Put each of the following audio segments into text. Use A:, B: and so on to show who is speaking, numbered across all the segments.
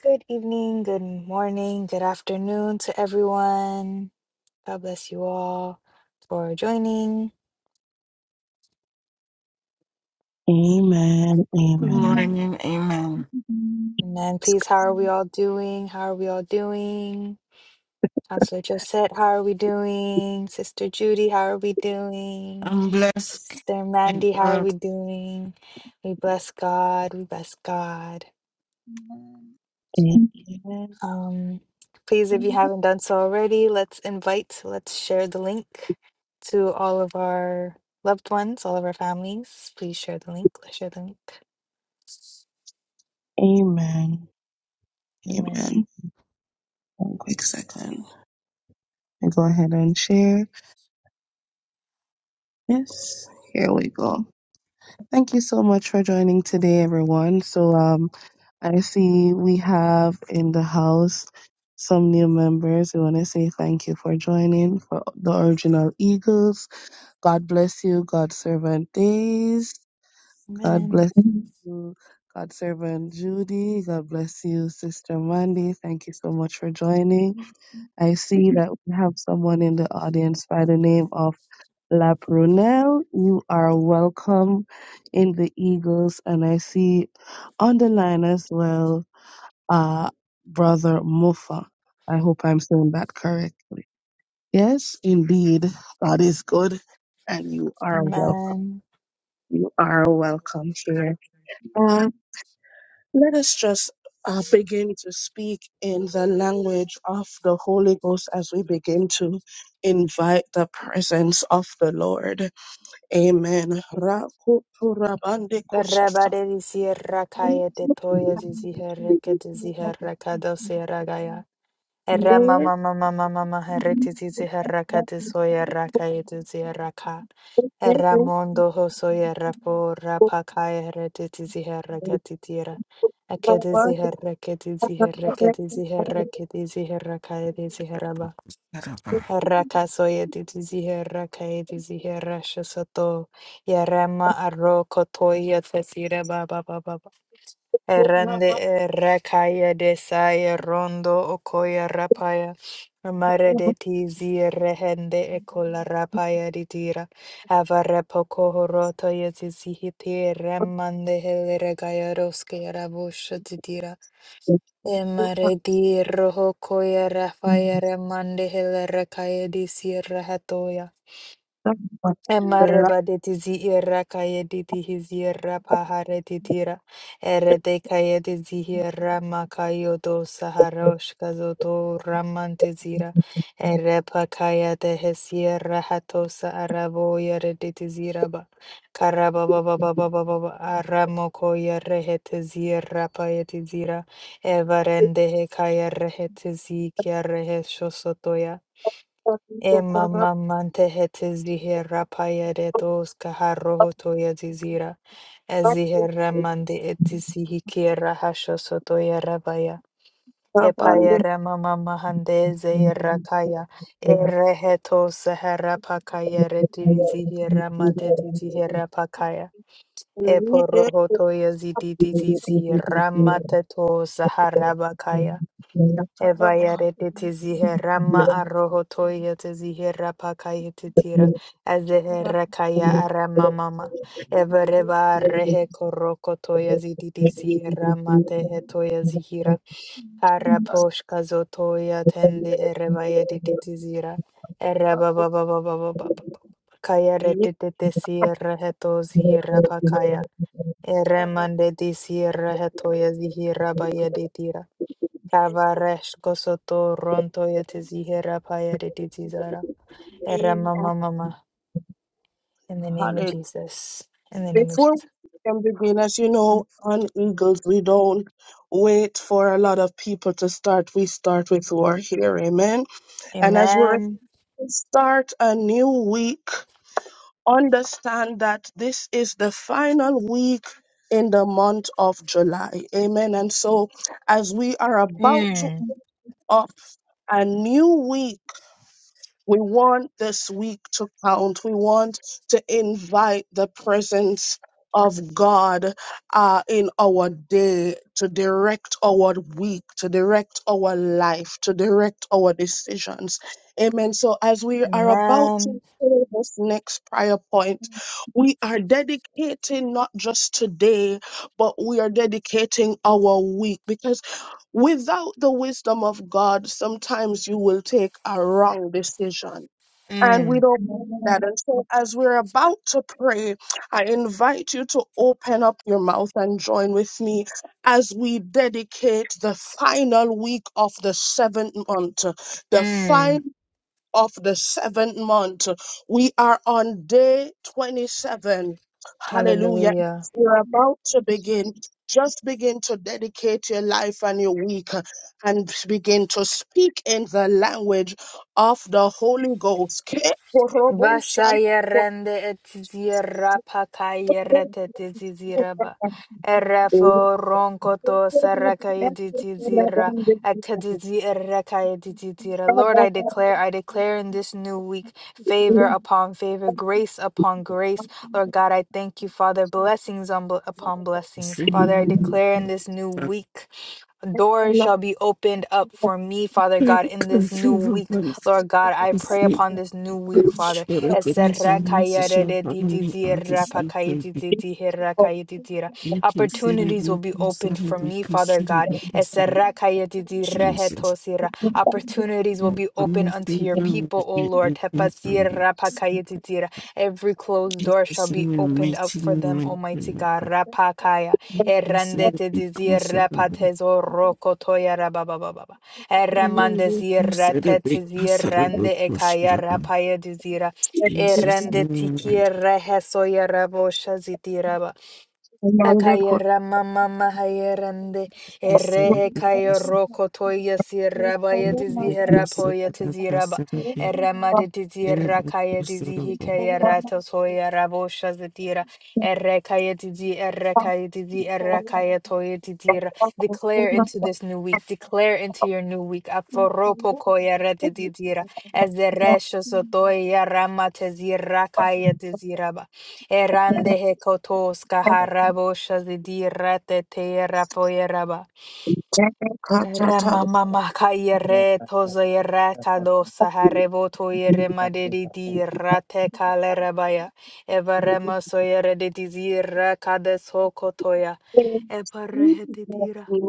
A: Good evening, good morning, good afternoon to everyone. God bless you all for joining.
B: Amen.
C: Good
D: Thank
B: Amen.
C: morning, amen.
A: Amen. Please, how are we all doing? How are we all doing? Counselor Josette, how are we doing? Sister Judy, how are we doing?
C: I'm blessed.
A: Sister
C: Thank
A: Mandy, how are
C: God.
A: we doing? We bless God. We bless God.
B: Amen.
A: Um, please, if you haven't done so already, let's invite, let's share the link to all of our loved ones, all of our families. Please share the link. Let's share the link.
B: Amen.
A: Amen.
B: Amen. One quick second. I go ahead and share. Yes, here we go. Thank you so much for joining today, everyone. So, um, I see we have in the house some new members. We want to say thank you for joining for the original Eagles. God bless you. God servant days. God
A: Amen.
B: bless you, God servant Judy. God bless you, Sister Mandy. Thank you so much for joining. I see that we have someone in the audience by the name of La Prunelle. You are welcome in the Eagles. And I see on the line as well, uh, Brother Mufa. I hope I'm saying that correctly. Yes, indeed. God is good. And you are welcome.
A: Amen.
B: You are welcome here. Let us just uh, begin to speak in the language of the Holy Ghost as we begin to invite the presence of the Lord. Amen. Rakuturabandekushata.
A: Rabare di sierra calle de toya di ziherra que de ziherra Herra
B: Let
A: mama mama mama mama herretizi herraka tisoya raka yetizi herraka. Herra mondo hosoya rapo rapaka herretizi herraka titira. Akedizi herraketizi herraketizi herraketizi herraka yetizi herraba.
C: Karaba,
A: Herraka soya titizi herraka yetizi herrasha soto. Yarama arro kotoya tesira baba baba. Errande eh, rakaya desaya rondo okoya rapaya. Amare de tizi rehende ekola rapaya ditira. Avarepo kohoroto yetizihiti remande hele regaya roske rabusha ditira. Emare di roho koya rafaya remande hele rakaya disira Emareba de tizi irra kaya de tihiz pahare titira. Ere de kaya de zihirra makayo do saharosh kazoto ramante zira. Ere pa kaya de hesierra hatosa arabo yare de tizira ba. Karaba ba ba ba ba ba ba ba aramo koya rehete zirra paya tizira. Evarende he kaya rehete zikia rehe shosotoya. Emamamante hete zihera payere dos kaharro hotoya zizira. Ezihera mande eti sihikiera hasho sotoya rabaya.
B: Kabande
A: Epayere mama mahande zehera kaya. Ere heto sehera pakaya reti zihera mande zihera pakaya.
B: ride
A: Eporro hotoya zididi zizira mate to sahara bakaya.
B: kababa
A: Evayarete zihirama arohotoyete zihira pakayete tira azehera kaya arama mama evareva rehe korokotoya zididi zihirama tehetoya zihira
B: ba
A: haraposhka zotoya tendi erevayete zira
B: bako
A: erebabababababa kaya
B: ye ride
A: retete sierra heto zihira pakaya eremande di sierra hetoya zihira bayede tira
B: ko
A: Kabaresh kosoto ronto yete zihera paya de tizara. Era mama mama. In the name of
B: ye
A: Jesus. In the name of
B: Before
A: Jesus.
B: we can begin, as you know, on Eagles, we don't wait for a lot of people to start. We start with who are here. Amen. And as we're
A: Amen.
B: start a new week, understand that this is the final week in the month of July. Amen. And so as we are about to
A: Mm.
B: up a new week, we want this week to count. We want to invite the presence of God uh, in our day to direct our week, to direct our life, to direct our decisions. Amen. So, as we are about to
A: Amen.
B: pray this next prayer point, we are dedicating not just today, but we are dedicating our week because. Without the wisdom of God, sometimes you will take a wrong decision. And we
A: Mm.
B: don't want that. And so, as we're about to pray, I invite you to open up your mouth and join with me as we dedicate the final week of the seventh month. The final
A: Mm.
B: of the seventh month. We are on day 27 Hallelujah.
A: Hallelujah.
B: we are about to begin. Just begin to dedicate your life and your week uh, and begin to speak in the language of the Holy Ghost.
A: Vasaya rende etizira pakaya retetiziziraba. Erefo ronko to sarakaya ditizira. Atadizi erekaya ditizira. Lord, I declare, I declare in this new week favor upon favor, grace upon grace. Lord God, I thank you, Father, blessings on bl- upon blessings. Father, I declare in this new week doors
D: you.
A: shall be opened up for me, Father God, in this new week. Lord God, I pray upon this new week, Father.
C: What a goodness and mercy shall follow me all this week. Thank you,
A: Opportunities will
C: celebrate,
A: be opened for
C: celebrate,
A: me, Father God.
C: celebrate, celebrate, Jesus.
A: Opportunities will
C: Come
A: be open
C: on,
A: unto your
C: Savior, with
A: people, O Lord.
C: the
A: Lord.
C: open family.
A: Tepasira pakayetitira. Every closed door shall
C: Jesus,
A: be
C: in your
A: opened up
C: mighty
A: for
C: name,
A: them,
C: I pray,
A: Almighty
C: O
A: God.
C: God.
A: Rapakaya.
C: You said a big
A: Errandetetizira
C: console
A: patezo rokotoya rababababa.
C: Jesus name,
A: Erramandezira tetizirande ekaya rapayetizira.
C: I
A: Errandetikiera hesoya rabosha zitiraba. Akayera mama mahayerande
C: just said a
A: errehe
C: big
A: kayo roko toya siraba ya dizihera poya tiziraba errema de dizira
C: in
A: kaya dizihi kaya rato soya rabo shazatira erre kaya dizi erre kaya dizi erre kaya toya dizira declare into this new week declare into your new week aforopo koya rete dizira ezerresho sotoya rama tezira kaya diziraba Erande hekotos kaharabo shazidi rate te Ramamama kayere tozo yere kadosa harebo toyere kalerabaya. Evarema soyere de dizira kades hokotoya.
B: In Jesus'
A: Eparehete tira.
B: mighty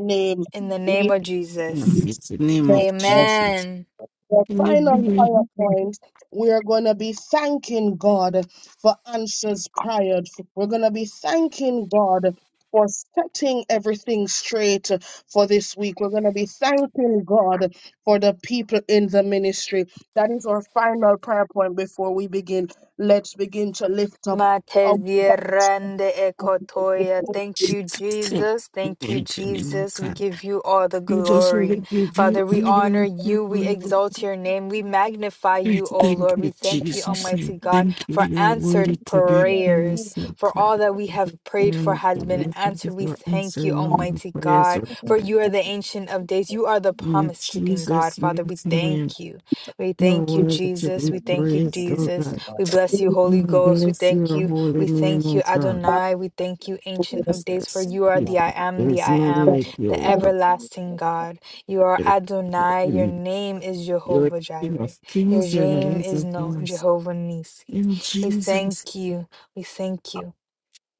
B: name,
A: In the name
B: we
A: of Jesus.
C: the name
B: the
C: of
B: the
C: Jesus.
A: Amen.
B: the
C: Can you
B: final
C: be
B: prayer point. We are going to be thanking God for answers prior. We're going to be thanking God for setting everything straight for this week. We're going to be thanking God for the people in the ministry. That is our final prayer point before we begin. Let's begin to lift up
A: Matezierande ekotoya. Thank you,
C: sick?
A: Jesus.
C: in
A: Thank you,
C: the name of
A: Jesus. We
C: God?
A: give you all the
C: We just want to
A: glory.
C: give you
A: Father,
C: all
A: we honor
C: the
A: you. We
C: glory, oh
A: exalt
C: God.
A: your name. We magnify
C: We
A: you, O
C: Thank
A: Lord. We
C: you,
A: thank you,
C: Jesus. and
A: Almighty God,
C: Thank you.
A: for
C: You are worthy
A: answered
C: to be
A: prayers.
C: praised, oh
A: For
C: God.
A: all that we have prayed for
C: And the
A: has been
C: Lord, thank you
A: answered. We
C: for
A: thank you,
C: answering all my
A: Almighty
C: prayers,
A: God,
C: O
A: for
C: God.
A: you are the Ancient of Days. You are the
C: In
A: promise keeping God.
C: Jesus'
A: Father, we
C: mighty name,
A: thank you. We
C: you are
A: thank you,
C: worthy to
A: Jesus.
C: be
A: We thank you,
C: praised, O
A: Jesus.
C: God.
A: We bless you,
B: our
C: And
A: Holy
C: I
A: Ghost. We
C: bless
A: thank
D: Hallelujah, thank you,
C: your
A: you.
C: holy
A: We
C: name,
A: thank
C: O
A: you,
C: God.
A: Adonai. We thank you, Ancient of
C: Yes,
A: Days, for you are
C: Excuse
A: the I
C: me.
A: am,
C: There
A: the
C: is
A: I
C: none
A: am,
C: like you,
A: the
C: O God.
A: everlasting God. You are
C: There is none like
A: Adonai. Your
C: you.
A: name is
C: You are
A: Jehovah
C: King
A: Jireh.
C: of
A: Your
C: kings and
A: name
C: Lords
A: is
C: of
A: no
C: lords.
A: Jehovah Nisi.
C: In
A: We
C: Jesus,
A: thank you. We thank you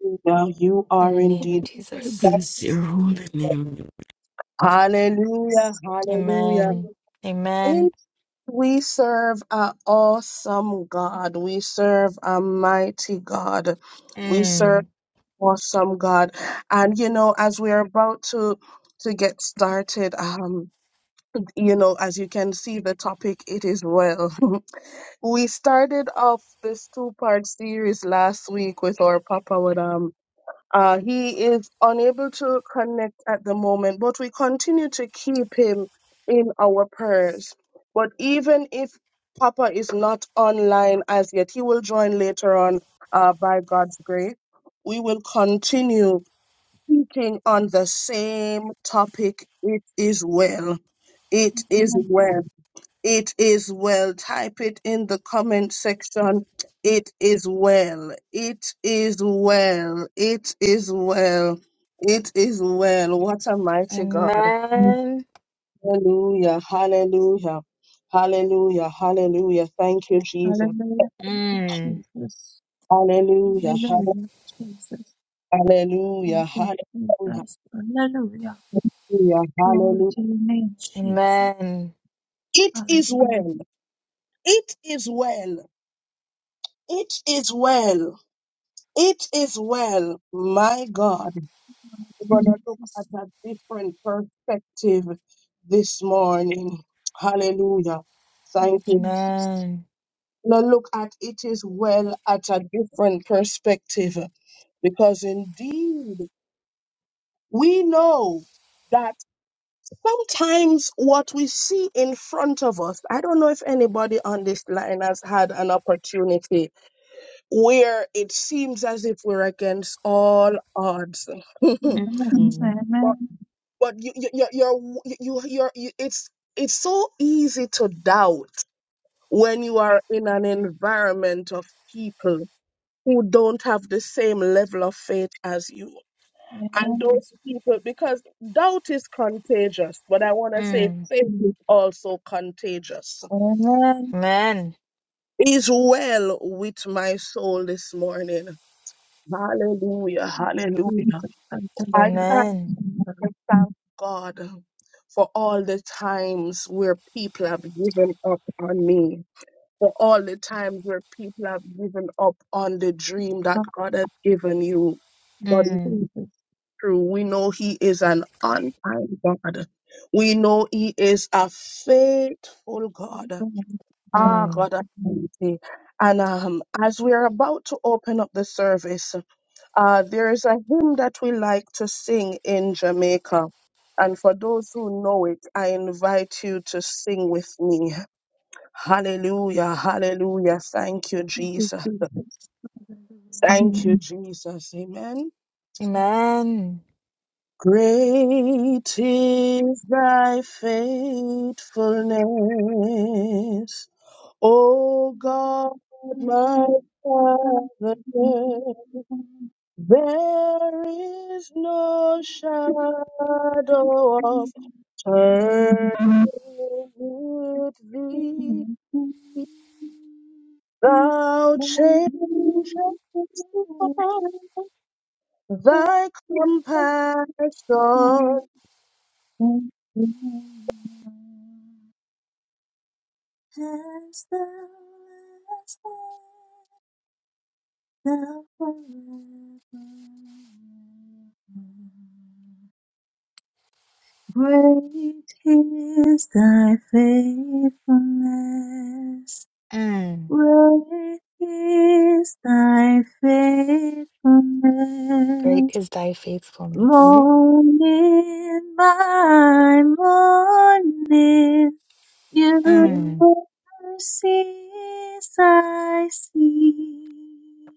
B: Hallelujah. You
A: in
B: are
A: the name of
B: indeed.
C: I
D: Jesus. Hallelujah,
A: Jesus.
D: Jesus.
C: bless your holy name.
D: Thank you,
B: Hallelujah.
D: Jesus.
B: Hallelujah.
A: Amen.
D: Hallelujah.
A: Amen.
B: And we serve an awesome God. We serve a mighty God. We serve
A: Mm.
B: awesome God. And you know, as we're about to to get started, um, you know, as you can see the topic, it is well. we started off this two-part series last week with our Papa with um. Uh, he is unable to connect at the moment, but we continue to keep him in our prayers. But even if Papa is not online as yet, he will join later on uh, by God's grace. We will continue speaking on the same topic. It is well. It is well. It is well. Type it in the comment section. It is well. It is well. It is well. It is well. What a mighty God.
A: Amen.
B: Hallelujah. Hallelujah. Hallelujah. Hallelujah. Thank you, Jesus.
A: Mm.
B: Hallelujah. hall- Hallelujah. Hallelujah.
D: Glory
B: Hallelujah.
D: to your name, Jesus.
A: Amen.
B: It is
D: Hallelujah.
B: well. It is well. It is well. It is well. My God.
D: Lord
B: We're going to look
D: Jesus.
B: at a different perspective this morning. Hallelujah.
D: Oh,
B: Thank you.
D: Jesus.
A: Amen.
B: Now look at it is well at a different perspective because indeed we know that sometimes what we see in front of us, I don't know if anybody on this line has had an opportunity where it seems as if we're against all odds.
D: Yes,
A: Mm.
B: but
D: amen.
B: but you you you you're, you you you're, you it's it's so easy to doubt when you are in an environment of people who don't have the same level of faith as you and
D: Amen.
B: those people because doubt is contagious but i want to say
A: Mm.
B: faith is also contagious
D: Amen.
A: Amen.
B: is well with my soul this morning hallelujah hallelujah
D: Jesus, I thank
B: I
D: you.
B: thank
A: Amen.
B: you
D: Lord.
B: and thank God for all the times where people have given up on me, for all the times where people have given up on the dream
D: Ah,
B: that God has given you. But
D: Yes,
B: it's
A: Mm,
D: Jesus.
B: true. We know He is an on time God. We know He is a faithful God.
D: Amen.
B: Ah,
A: mm.
B: God Almighty. And um, as we are about to open up the service, uh, there is a hymn that we like to sing in Jamaica. And for those who know it, I invite you to sing with me. Hallelujah, hallelujah. Thank you,
D: Thank you,
B: Jesus.
D: Jesus. Hallelujah.
B: Thank you, Jesus. Amen.
D: Jesus.
A: Amen.
B: Great is thy faithfulness, O God, my
D: Amen. God,
B: Father.
D: Amen.
B: There is no shadow of turning with thee. Thou changes not. Thy compassion,
D: Amen. Amen. Amen. As thou hast been, thou forevermore. Great is thy faithfulness.
A: Mm.
D: Great is thy
A: Great
D: faithfulness.
A: is thy faithfulness.
D: Morning by morning. You
C: Lord,
A: Mm,
D: mercies I see,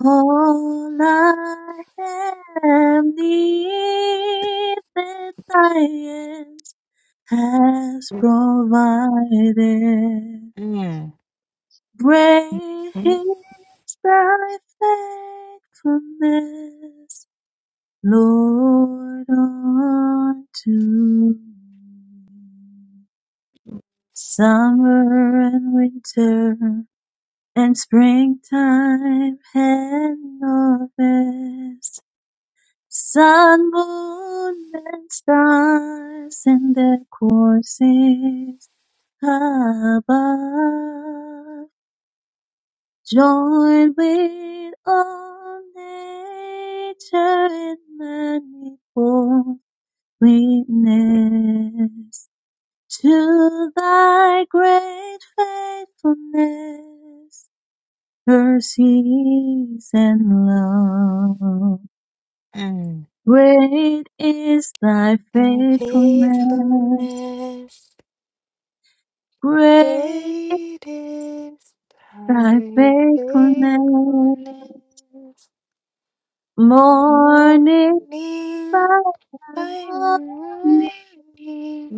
D: all I have needed thy hand has provided.
A: mm,
D: Great is thy faithfulness, Lord, unto me. summer and winter. And springtime and harvest, sun, moon, and stars in their courses above, join with all nature in manifold sweetness to thy great faithfulness mercies and love.
A: mm.
D: Great is thy
A: Thy
D: faithfulness.
A: faithfulness.
D: Great is
A: Great is
D: thy
A: thy
D: faithfulness.
A: faithfulness.
D: Morning
A: Morning
D: by
A: by
D: morning,
A: morning.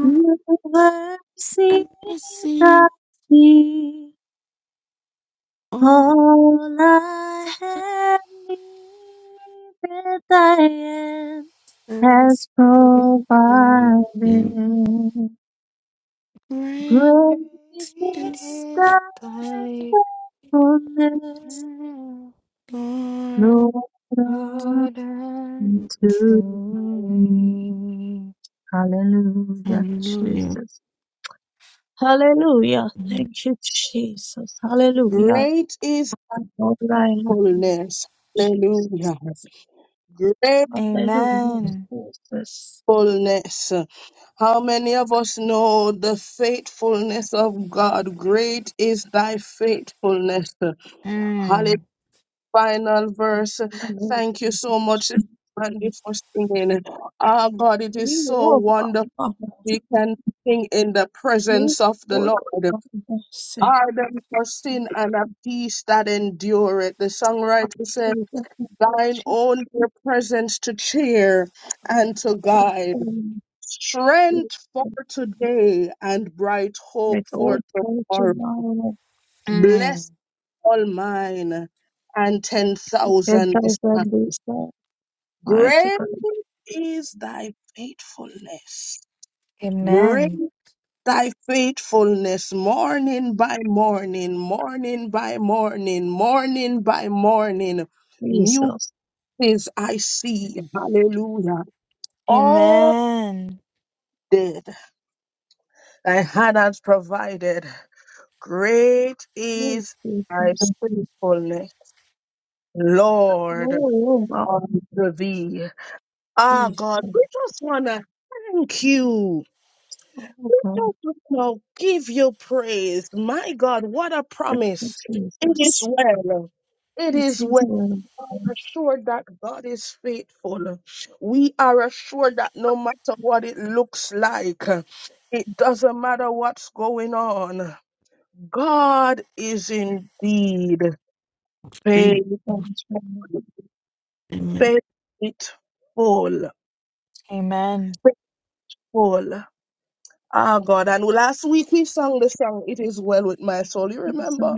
D: new mercies
C: I bless
D: I see.
C: all.
D: All I have needed thy hand.
C: That's
D: has
C: pretty
D: provided.
C: and great
D: Great is thy
A: Great
C: is
A: is
C: that
A: thy
D: faithfulness,
C: Lord.
D: Lord, unto
A: Good unto
D: me.
A: me.
D: Hallelujah,
C: Hallelujah.
D: Jesus. Hallelujah. Thank you, Jesus. Hallelujah.
B: great is
D: Lord, I love you,
B: fullness.
D: Jesus.
B: Hallelujah.
D: Hallelujah,
A: Amen.
D: Jesus.
B: Gratefulness. How many of us know the faithfulness of God? Great is thy faithfulness.
A: Mm.
B: final verse.
D: Hallelujah,
B: Thank you so much, Andy, for singing. Ah, God, it is so wonderful.
D: Jesus.
B: We can sing in the
D: Nick
B: presence of the
D: Ford
B: Lord.
D: was the second
B: Ardent for sin and a peace that endureth. The songwriter said,
D: after
B: Thine
D: she
B: own dear presence to cheer and to
D: took
B: guide.
D: on
B: Strength for today and bright hope
D: It
B: for
D: all pray to
B: tomorrow.
D: now
A: Mm.
B: Bless all mine and
D: the ten
B: 10,000 disciples.
D: thousand is the mighty
B: Great
D: God
B: is thy faithfulness. Great
A: Amen.
B: thy faithfulness, morning by morning, morning by morning, morning by morning. New
D: Jesus.
B: things I see. Hallelujah. All
A: Amen.
B: that thy hand has provided. Great
D: Oh
B: is thy
D: Jesus.
B: faithfulness, Lord,
D: Oh God
B: unto thee. Ah,
D: Jesus.
B: God, we just want to thank you.
D: Oh God,
B: Now give you praise. My God, what a
D: thank you,
B: promise. It is
D: Jesus.
B: well. It
D: It
B: is
D: is
B: well. We
D: well.
B: are assured that God is faithful. We are assured that no matter what it looks like, it doesn't matter what's going on. God is indeed
C: Thank
D: Thank
B: faithful.
D: you,
C: you. Amen.
B: Faithful.
A: Amen.
B: Faithful. Ah, God. And last week we sang the song, It Is Well With My Soul. You
D: Jesus.
B: remember?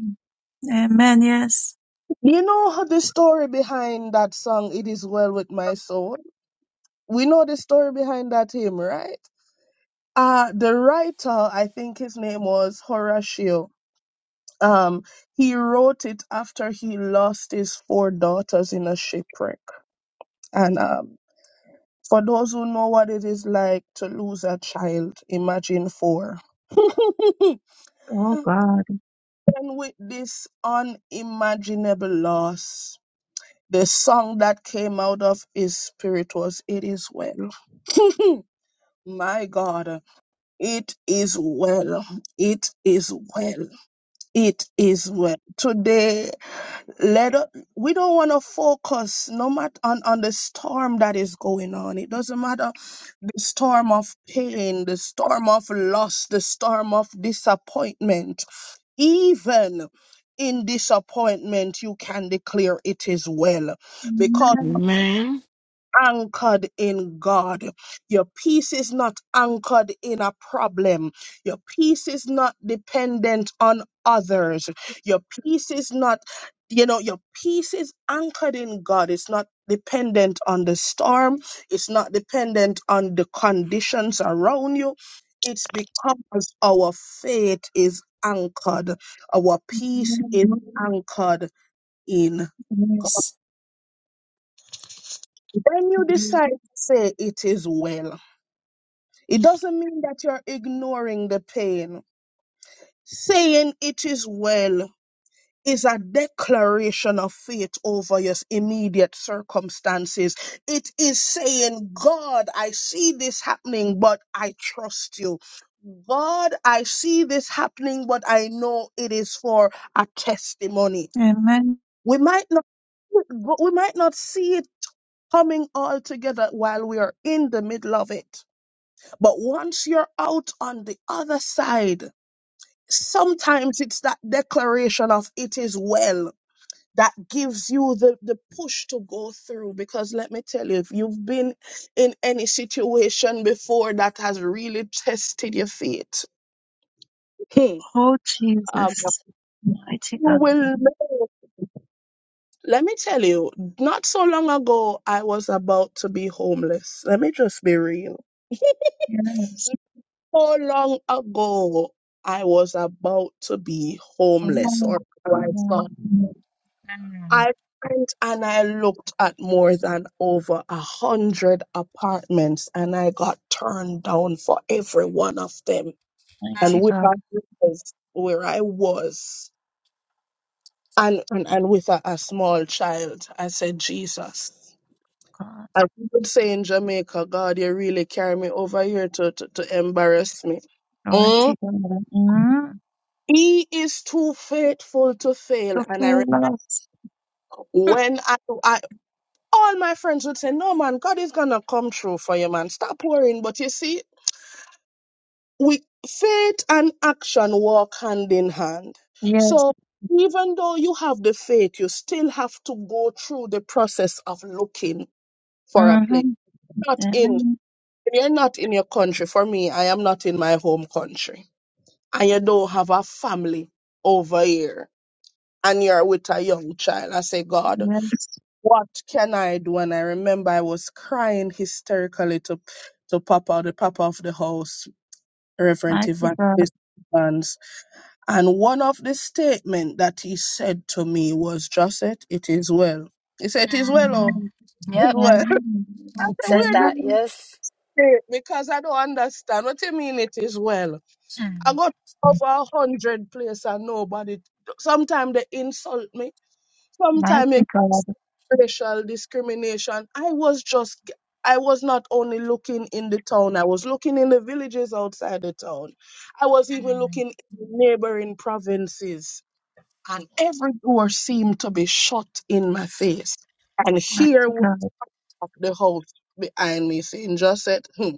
D: Amen, yes.
B: Do You know how the story behind that song, It Is Well With My Soul? We know the story behind that hymn, right? Uh, the writer, I think his name was Horatio, um, he wrote it after he lost his four daughters in a shipwreck. And um, for those who know what it is like to lose a child, imagine four. and
D: Oh God.
B: with this unimaginable loss, The song that came out of his spirit was It Is Well. My God, it is well. It is well. It is well. Today, let us, we don't want to focus no matter on, on the storm that is going on. It doesn't matter the storm of pain, the storm of loss, the storm of disappointment. Even in disappointment, you can declare it is well because.
D: Amen.
C: Amen.
B: anchored in God. Your peace is not anchored in a problem. Your peace is not dependent on others. Your peace is not, you know, your peace is anchored in God. It's not dependent on the storm, it's not dependent on the conditions around you. It's because our faith is anchored, our peace
D: Amen.
B: is anchored in God.
D: Yes.
B: When you decide to say, It is well It doesn't mean that you're ignoring the pain. Saying it is well is a declaration of faith over your immediate circumstances. It is saying, God, I see this happening, but I trust you. God, I see this happening, but I know it is for a testimony.
D: Amen.
B: We might not we might not see it coming all together while we are in the middle of it but once you're out on the other side, sometimes it's that declaration of it is well that gives you the, the push to go through. Because let me tell you, if you've been in any situation before that has really tested your faith, hmm,
D: Oh,
B: um,
D: Jesus.
B: you
D: Mighty God.
B: will know. Let me tell you, not so long ago, I was about to be homeless. Let me just be real.
D: Yes.
B: So long ago I was about to be
D: Come
B: homeless or
D: on.
B: myself.
D: Come
B: I
D: on.
B: thought.
A: Mm.
B: I went and I looked at more than over a hundred apartments and I got turned down for every one of them. And
D: Mighty
A: Mm.
B: where I
D: God.
B: was, where I was and, and, and with a, a small child, I said, Jesus.
D: God.
B: I would say in Jamaica, God, you really carry me over here to, to, to embarrass me. Mm?
D: Mighty God. Mm.
B: He is too faithful to fail.
D: To
B: And I
D: feel
B: remember
D: us.
B: when I, I all my friends would say, No man, God is gonna come through for you, man. Stop worrying. But you see, we faith and action walk hand in hand.
D: Yes.
B: So even though you have the faith, you still have to go through the process of looking for a place.
D: Mm-hmm.
B: Not in
D: Amen.
B: you're not in your country. For me, I am not in my home country. And you don't have a family over here and you're with a young child. I say, God,
D: Yes.
B: what can I do? And I remember I was crying hysterically to to Papa, the Papa of the house, Reverend
D: Mighty God.
B: Evangelist Evans. And one of the statement that he said to me was, Josette, it is well. He said, it is well, oh, it
A: Mm.
D: Amen.
B: is
A: Yep.
B: well.
D: Amen.
B: I said,
A: Says
B: where did you
A: that.
D: Amen.
A: Yes.
B: say it? Because I don't understand. What do you mean it is well? I
A: Mm.
B: got over a hundred places and nobody. Sometimes they insult me Sometimes
D: Mighty
B: it
D: God.
B: racial discrimination. I was just, g- I was not only looking in the town, I was looking in the villages outside the town. I was even
A: Mm.
B: looking in the neighboring provinces, and every door seemed to be shut in my face. And here
D: Mighty
B: was
D: God.
B: the house behind me saying, just said, hmm,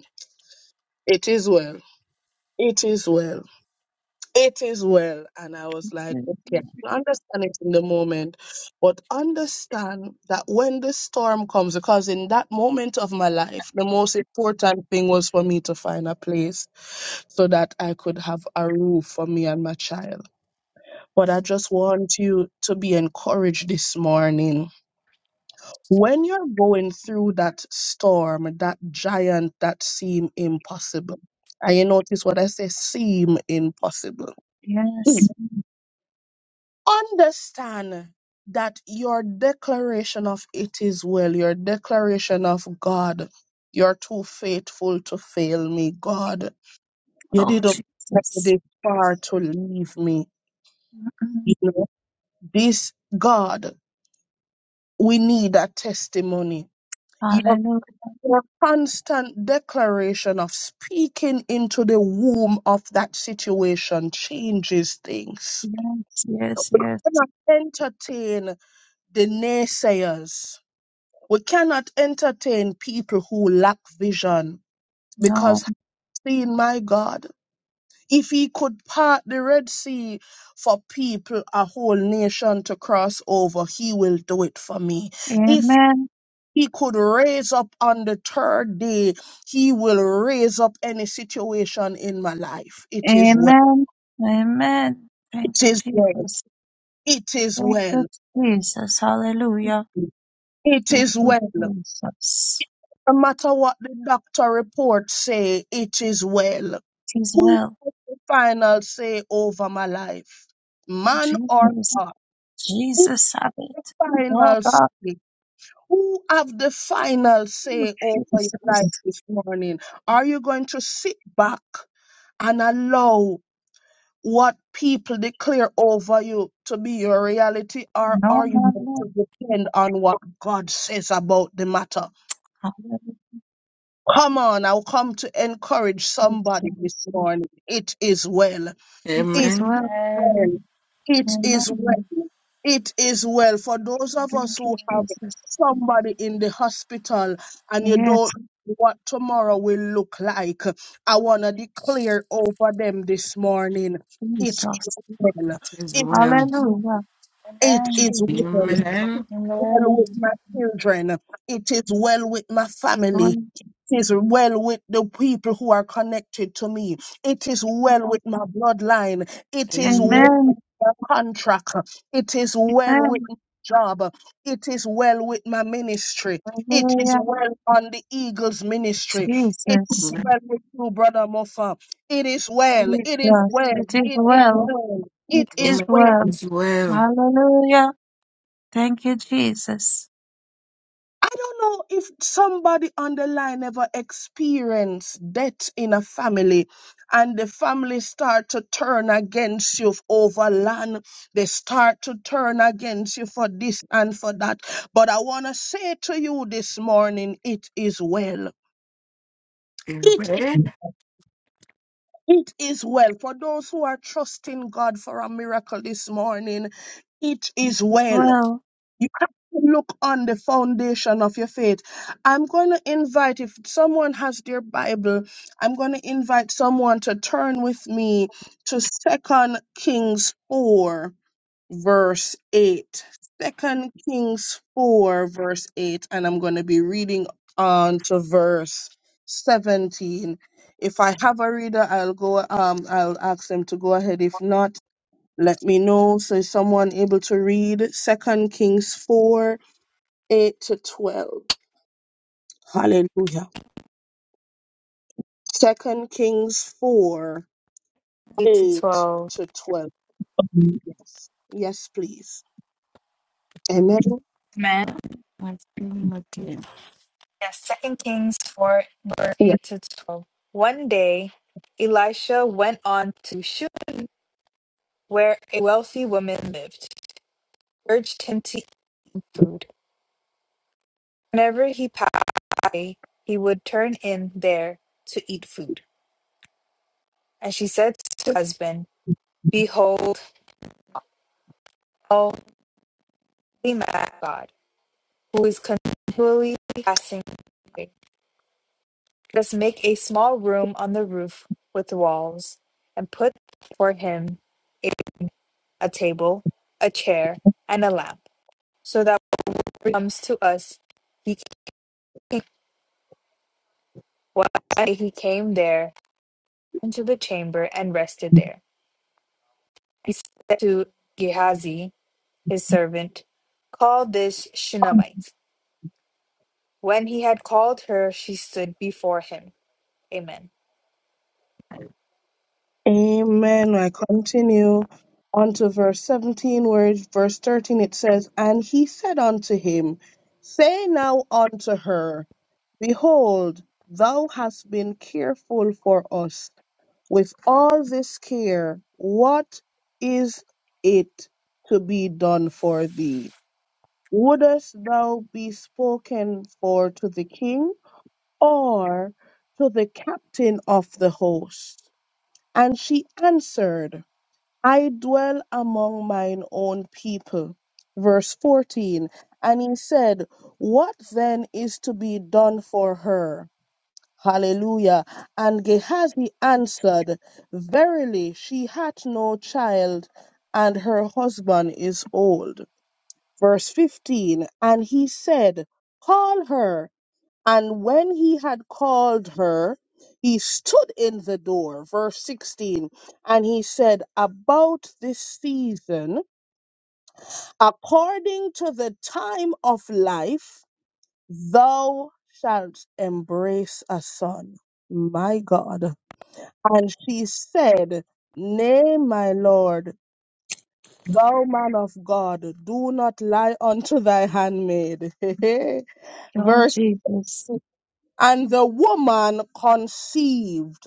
B: it is well, it is well it is well. And I was like, okay, I can understand it in the moment, but understand that when the storm comes, because in that moment of my life, the most important thing was for me to find a place so that I could have a roof for me and my child. But I just want you to be encouraged this morning. When you're going through that storm, that giant that seem impossible, and you notice what I say seem impossible.
D: Yes.
B: understand that your declaration of it is well, your declaration of God, you're too faithful to fail me, God. You
D: Oh,
B: didn't make it
D: Jesus.
B: far to leave me.
D: Mm-mm.
B: You know, this God, we need a testimony. Your,
D: Hallelujah.
B: your constant declaration of speaking into the womb of that situation changes things.
D: Yes. Yes.
B: We're
D: Yes.
B: not entertain the naysayers We cannot entertain people who lack vision because
D: No.
B: have seen my God. If he could part the Red Sea for people, a whole nation to cross over, he will do it for me. If
D: Amen.
B: he could raise up on the third day, he will raise up any situation in my life. It is well.
D: Amen. Amen.
B: It
D: Thank you,
B: is well.
D: Jesus.
B: It is
D: Thank you,
B: well.
D: Jesus. Hallelujah.
B: It
D: Thank
B: is
D: you,
B: well. No
D: Jesus.
B: matter what the doctor reports say, it is well.
D: It is
B: Who?
D: well.
B: final say over my life? Man or
D: Jesus.
B: God? Who
D: Jesus have it. Oh
B: final say?
D: God,
B: Who have the final
D: you
B: say over your life
D: Jesus.
B: this morning? Are you going to sit back and allow what people declare over you to be your reality, or
D: No,
B: are you
D: no,
B: going
D: no.
B: to depend on what God says about the matter?
D: Hallelujah,
B: Come on, I'll come to encourage somebody this
D: Jesus.
B: morning. It is well.
D: It
B: It.
D: is
C: Amen.
D: well.
A: Amen.
B: well. It is
D: Amen.
B: well. It is well. For those of
D: Thank
B: us
D: you,
B: who have
D: Jesus.
B: somebody in the hospital and you don't
D: Yes,
B: know what tomorrow will look like, I want to declare over them this morning.
D: Jesus.
B: It is well.
C: It is
B: It,
C: well.
D: Hallelujah.
B: it
A: Amen.
B: is
D: Jesus.
B: well.
D: It
C: Amen.
B: Well
A: Amen.
B: with my children. It is well with my
D: is
B: family
D: well.
B: is well with the people who are connected to me. It is
D: Amen.
B: well with my bloodline. It is
C: Amen.
B: well
D: Amen.
B: with my contract. It is well
D: Amen.
B: with my job. It is well with my ministry. It
D: Hallelujah.
B: is well on the Eagles ministry. It is
D: Jesus,
B: well with you, Brother Moffa. It is well. It is
D: Jesus,
B: well.
D: it is
B: It is
D: well,
B: well.
D: it
B: It
D: is
B: is
C: Amen. It
B: well.
D: well.
C: is well.
D: Hallelujah. Thank you, Jesus.
B: I don't know if somebody on the line ever experienced death in a family and the family start to turn against you over land. They start to turn against you for this and for that. But I want to say to you this morning, it is well. It
C: Amen.
B: it is well. For those who are trusting God for a miracle this morning, it is
D: It is
B: well.
D: well,
B: You have to look on the foundation of your faith. I'm going to invite, if someone has their Bible, I'm going to invite someone to turn with me to Second Kings 4, verse 8. Second Kings 4, verse 8. And I'm going to be reading on to verse 17. If I have a reader, I'll go, um, I'll ask them to go ahead. If not, let me know. So is someone able to read Second Kings four, eight to twelve? Hallelujah. Second Kings four,
A: 8 to
B: eight
A: 12.
B: to twelve. Yes. Yes, please. Amen.
A: Amen.
C: I'm feeling okay.
A: Yes, Second Kings 4, number
B: Yes.
A: 8 to 12. One day, Elisha went on to Shunem. where a wealthy woman lived, urged him to eat food. Whenever he passed by, he would turn in there to eat food. And she said to her husband, Behold, Almighty man God, who is continually passing by, let us make a small room on the roof with walls, and put for him a, a table, a chair, and a lamp, so that when he comes to us, he can. One day he came there into the chamber and rested there. He said to Gehazi, his servant, Call this Shunammite. When he had called her, she stood before him. Amen.
B: Amen. I continue on to verse 17, where it- verse 13 it says, And he said unto him, Say now unto her, Behold, thou hast been careful for us With all this care, what is it to be done for thee? Wouldest thou be spoken for to the king or to the captain of the host? And she answered, I dwell among mine own people. Verse 14. And he said, What then is to be done for her? Hallelujah. And Gehazi answered, Verily, she hath no child, and her husband is old. Verse 15 And he said, Call her. And when he had called her, he stood in the door. Verse 16 And he said, About this season, according to the time of life, thou shalt embrace a son. My God. And she said, Nay, my Lord, thou man of God, do not lie unto thy handmaid.
D: Lord
B: Verse.
D: Jesus.
B: And the woman conceived.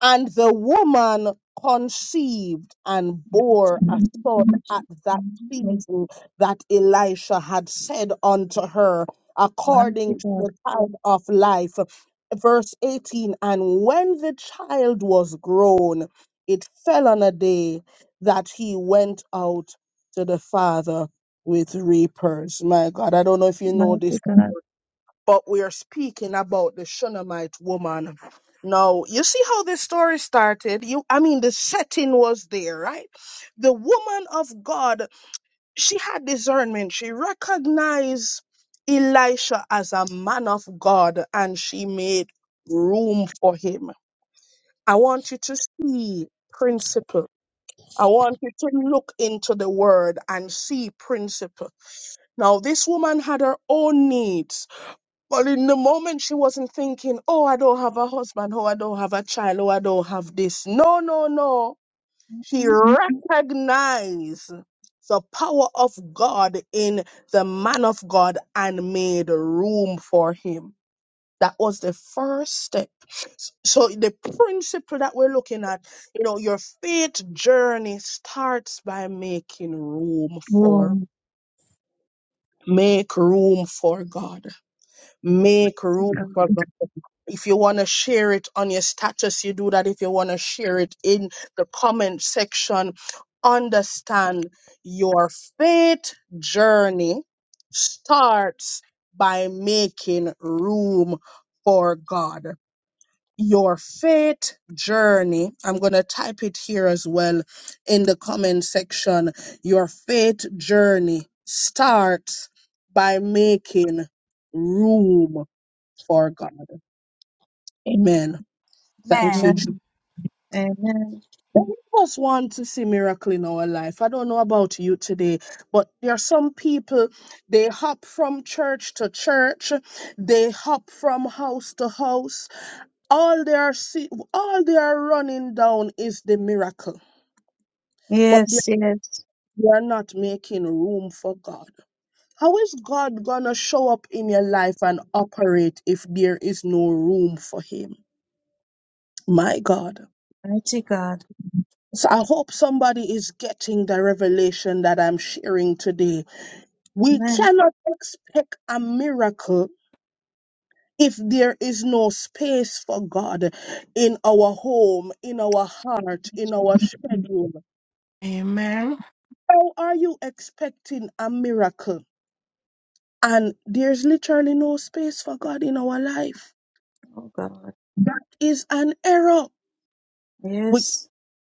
B: And the woman conceived and bore
D: Mighty
B: a son at that
D: God,
B: season that Elisha had said unto her,
D: mighty
B: according to
D: God,
B: the time of life. Verse 18 And when the child was grown, it fell on a day that he went out to the father with reapers. My God, I don't know if you know this
D: mighty God.
B: but we are speaking about the Shunammite woman. Now, you see how this story started? You I mean the setting was there, right? The woman of God, she had discernment. She recognized Elisha as a man of God and she made room for him. I want you to see principle. I want you to look into the word and see principle. Now, this woman had her own needs but in the moment, she wasn't thinking, oh, I don't have a husband, oh, I don't have a child, oh, I don't have this. No, no, no. She recognized the power of God in the man of God and made room for him. That was the first step. So, the principle that we're looking at, you know, your faith journey starts by making room
D: Oh,
B: for, make room for God. Make
D: mighty
B: room
D: God.
B: for God. If you want to share it on your status, you do that. If you want to share it in the comment section, understand your faith journey starts by making room for God. Your faith journey, I'm going to type it here as well in the comment section. Your faith journey starts by making room for God. Amen. Thank you,
D: Amen.
A: Amen.
B: Jesus.
D: Amen.
B: Many of us want to see miracle in our life. I don't know about you today, but there are some people, they hop from church to church, they hop from house to house. All they are see, all they are running down is the miracle, but they
D: Yes, yes.
B: they are not making room for God. How is God gonna show up in your life and operate if there is no room for Him? My God.
D: Mighty God.
B: So I hope somebody is getting the revelation that I'm sharing today. We
D: Amen.
B: cannot expect a miracle if there is no space for God in our home, in our heart, in our
D: Jesus.
B: schedule.
C: Amen.
B: How are you expecting a miracle? And there's literally no space for God in our life.
D: Oh, God.
B: That is an error. We
D: Yes.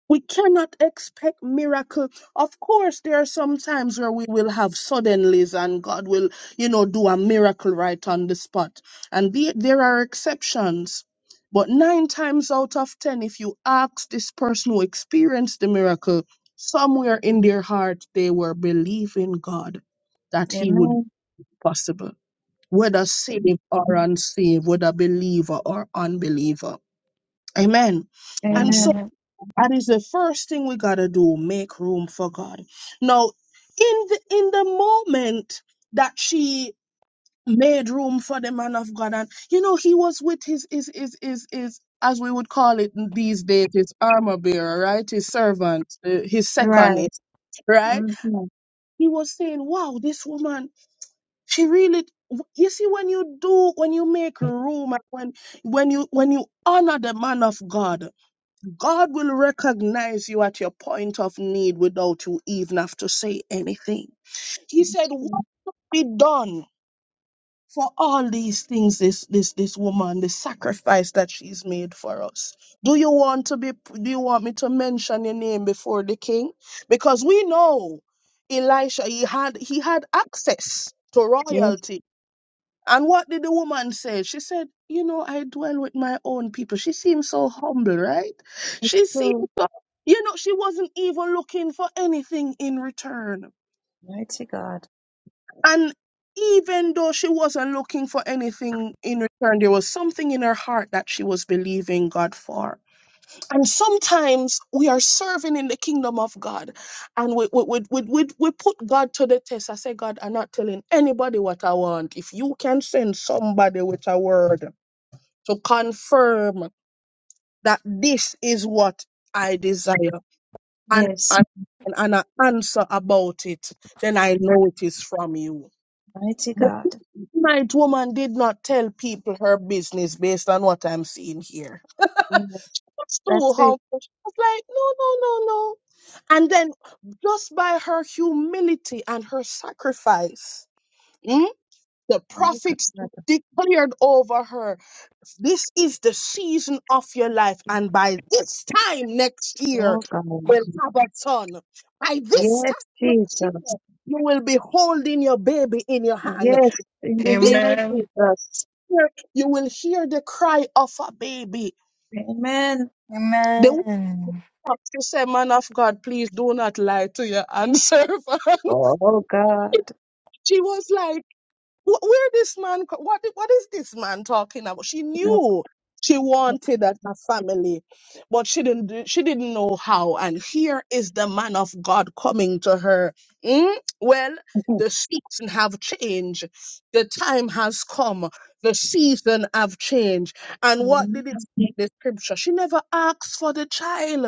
B: We cannot expect miracle. Of course, there are some times where we will have suddenlies and God will, you know, do a miracle right on the spot. And the, there are exceptions. But nine times out of ten, if you ask this person who experienced the miracle, somewhere in their heart, they were believing God that he would be
D: Amen.
B: possible, whether
D: That's true.
B: saved or unsaved, whether believer or unbeliever. Amen. And so
D: Amen.
C: Amen.
B: that is the first thing we gotta do, make room for God. Now, in the in the moment that she made room for the man of God, and you know, he was with his his his his, his as we would call it these days, his armor bearer, right? His servant, uh, his
D: Right.
B: second, right?
D: Mm-hmm.
B: He was saying, Wow, this woman, she really you see when you do when you make room and when when you when you honor the man of God God will recognize you at your point of need without you even have to say anything. He said,
D: That's
B: What
D: true.
B: be done for all these things, this this this woman, the sacrifice that she's made for us. Do you want to be do you want me to mention your name before the king? Because we know Elisha, he had he had access to
D: Yes.
B: royalty and what did the woman say? She said, You know, I dwell with my own people. She seemed so humble, right?
D: It's
B: She seemed
D: true.
B: so, you know, she wasn't even looking for anything in return.
D: Mighty God.
B: And even though she wasn't looking for anything in return, there was something in her heart that she was believing God for. And sometimes we are serving in the kingdom of God and we, we, we, we, we, we put God to the test. I say, God, I'm not telling anybody what I want. If you can send somebody with a word, to confirm that this is what I desire and,
D: Yes.
B: and, and an answer about it, then I know it is from you.
D: Mighty
B: The
D: God.
B: night woman did not tell people her business based on what I'm seeing here.
D: Yes.
B: That's
D: That's
B: too
D: it.
B: humble. She was like, no, no, no, no. And then just by her humility and her sacrifice, mm, the
D: Oh God.
B: prophets declared over her This is the season of your life. And by this time next year,
D: Oh God.
B: we'll have a son. By this
D: Yes,
B: time next year,
D: Jesus.
B: you will be holding your baby in your hand.
D: Yes. In the
B: This
D: name of
C: Amen.
D: Jesus.
B: year, you will hear the cry of a baby.
D: Amen.
B: The woman,
A: Amen.
B: she said, Man of God, please do not lie to your hand servant.
D: Oh God.
B: She was like, Wh- where this man co- what what is this man talking about she
D: No.
B: knew she wanted a, a family but she didn't do- she didn't know how and here is the man of god coming to her Mm, well the season have changed the time has come the season have changed and what did it say in the scripture she never asked for the child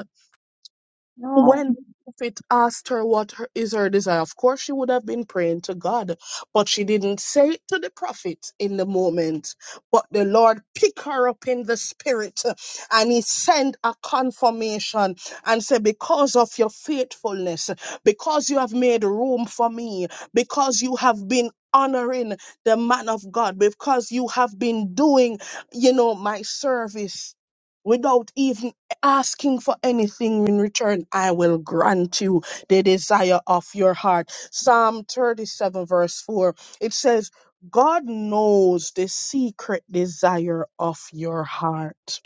D: No.
B: when the prophet asked her what her, is her desire, of course she would have been praying to God, but she didn't say it to the prophet in the moment. But the Lord picked her up in the spirit uh, and he sent a confirmation and said, Because of your faithfulness, because you have made room for me, because you have been honoring the man of God, because you have been doing, you know, my service. Without even asking for anything in return, I will grant you the desire of your heart. Psalm 37, verse 4, it says, God knows the secret desire of your heart.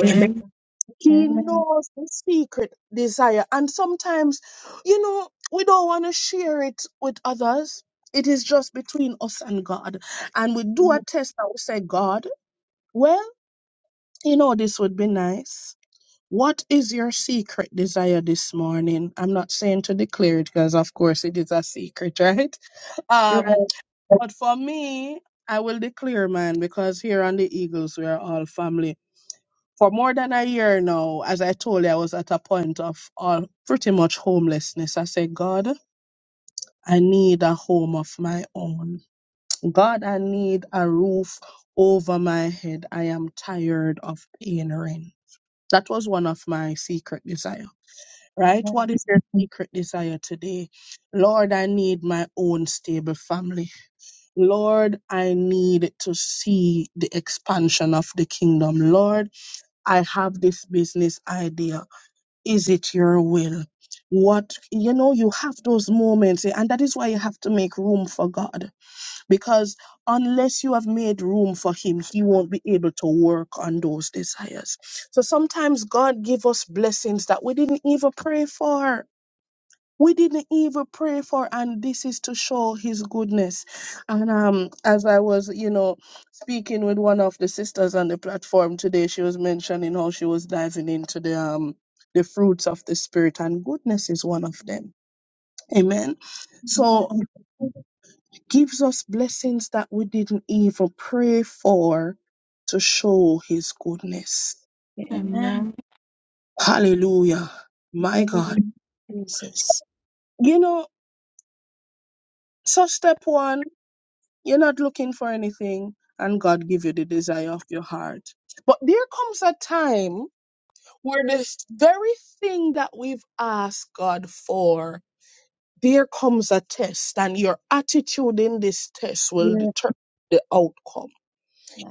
B: Amen. He knows the secret desire. And sometimes, you know, we don't want to share it with others. It is just between us and God. And we do a
D: Amen.
B: test and we say, God, well, you know, this would be nice what is your secret desire this morning? I'm not saying to declare it because, of course, it is a secret, right? Um,
D: Right.
B: but for me, I will declare mine because here on the Eagles, we are all family. For more than a year now, as I told you, I was at a point of all pretty much homelessness. I said, God, I need a home of my own. God, I need a roof over my head. I am tired of paying rent. That was one of my secret desires right?
D: Amen.
B: What is your secret desire today? Lord, I need my own stable family. Lord, I need to see the expansion of the kingdom. Lord, I have this business idea. Is it your will? What, you know, you have those moments, eh, and that is why you have to make room for God. Because unless you have made room for Him, He won't be able to work on those desires. So sometimes God give us blessings that we didn't even pray for we didn't even pray for and this is to show his goodness and um as i was you know speaking with one of the sisters on the platform today she was mentioning how she was diving into the um the fruits of the spirit and goodness is one of them amen so gives us blessings that we didn't even pray for to show his goodness
C: Amen.
D: Amen.
B: hallelujah my god
D: Amen. Jesus.
B: you know so step one You're not looking for anything, and God give you the desire of your heart. But there comes a time where this very thing that we've asked God for, there comes a test, and your attitude in this test will
D: Yes.
B: determine the outcome.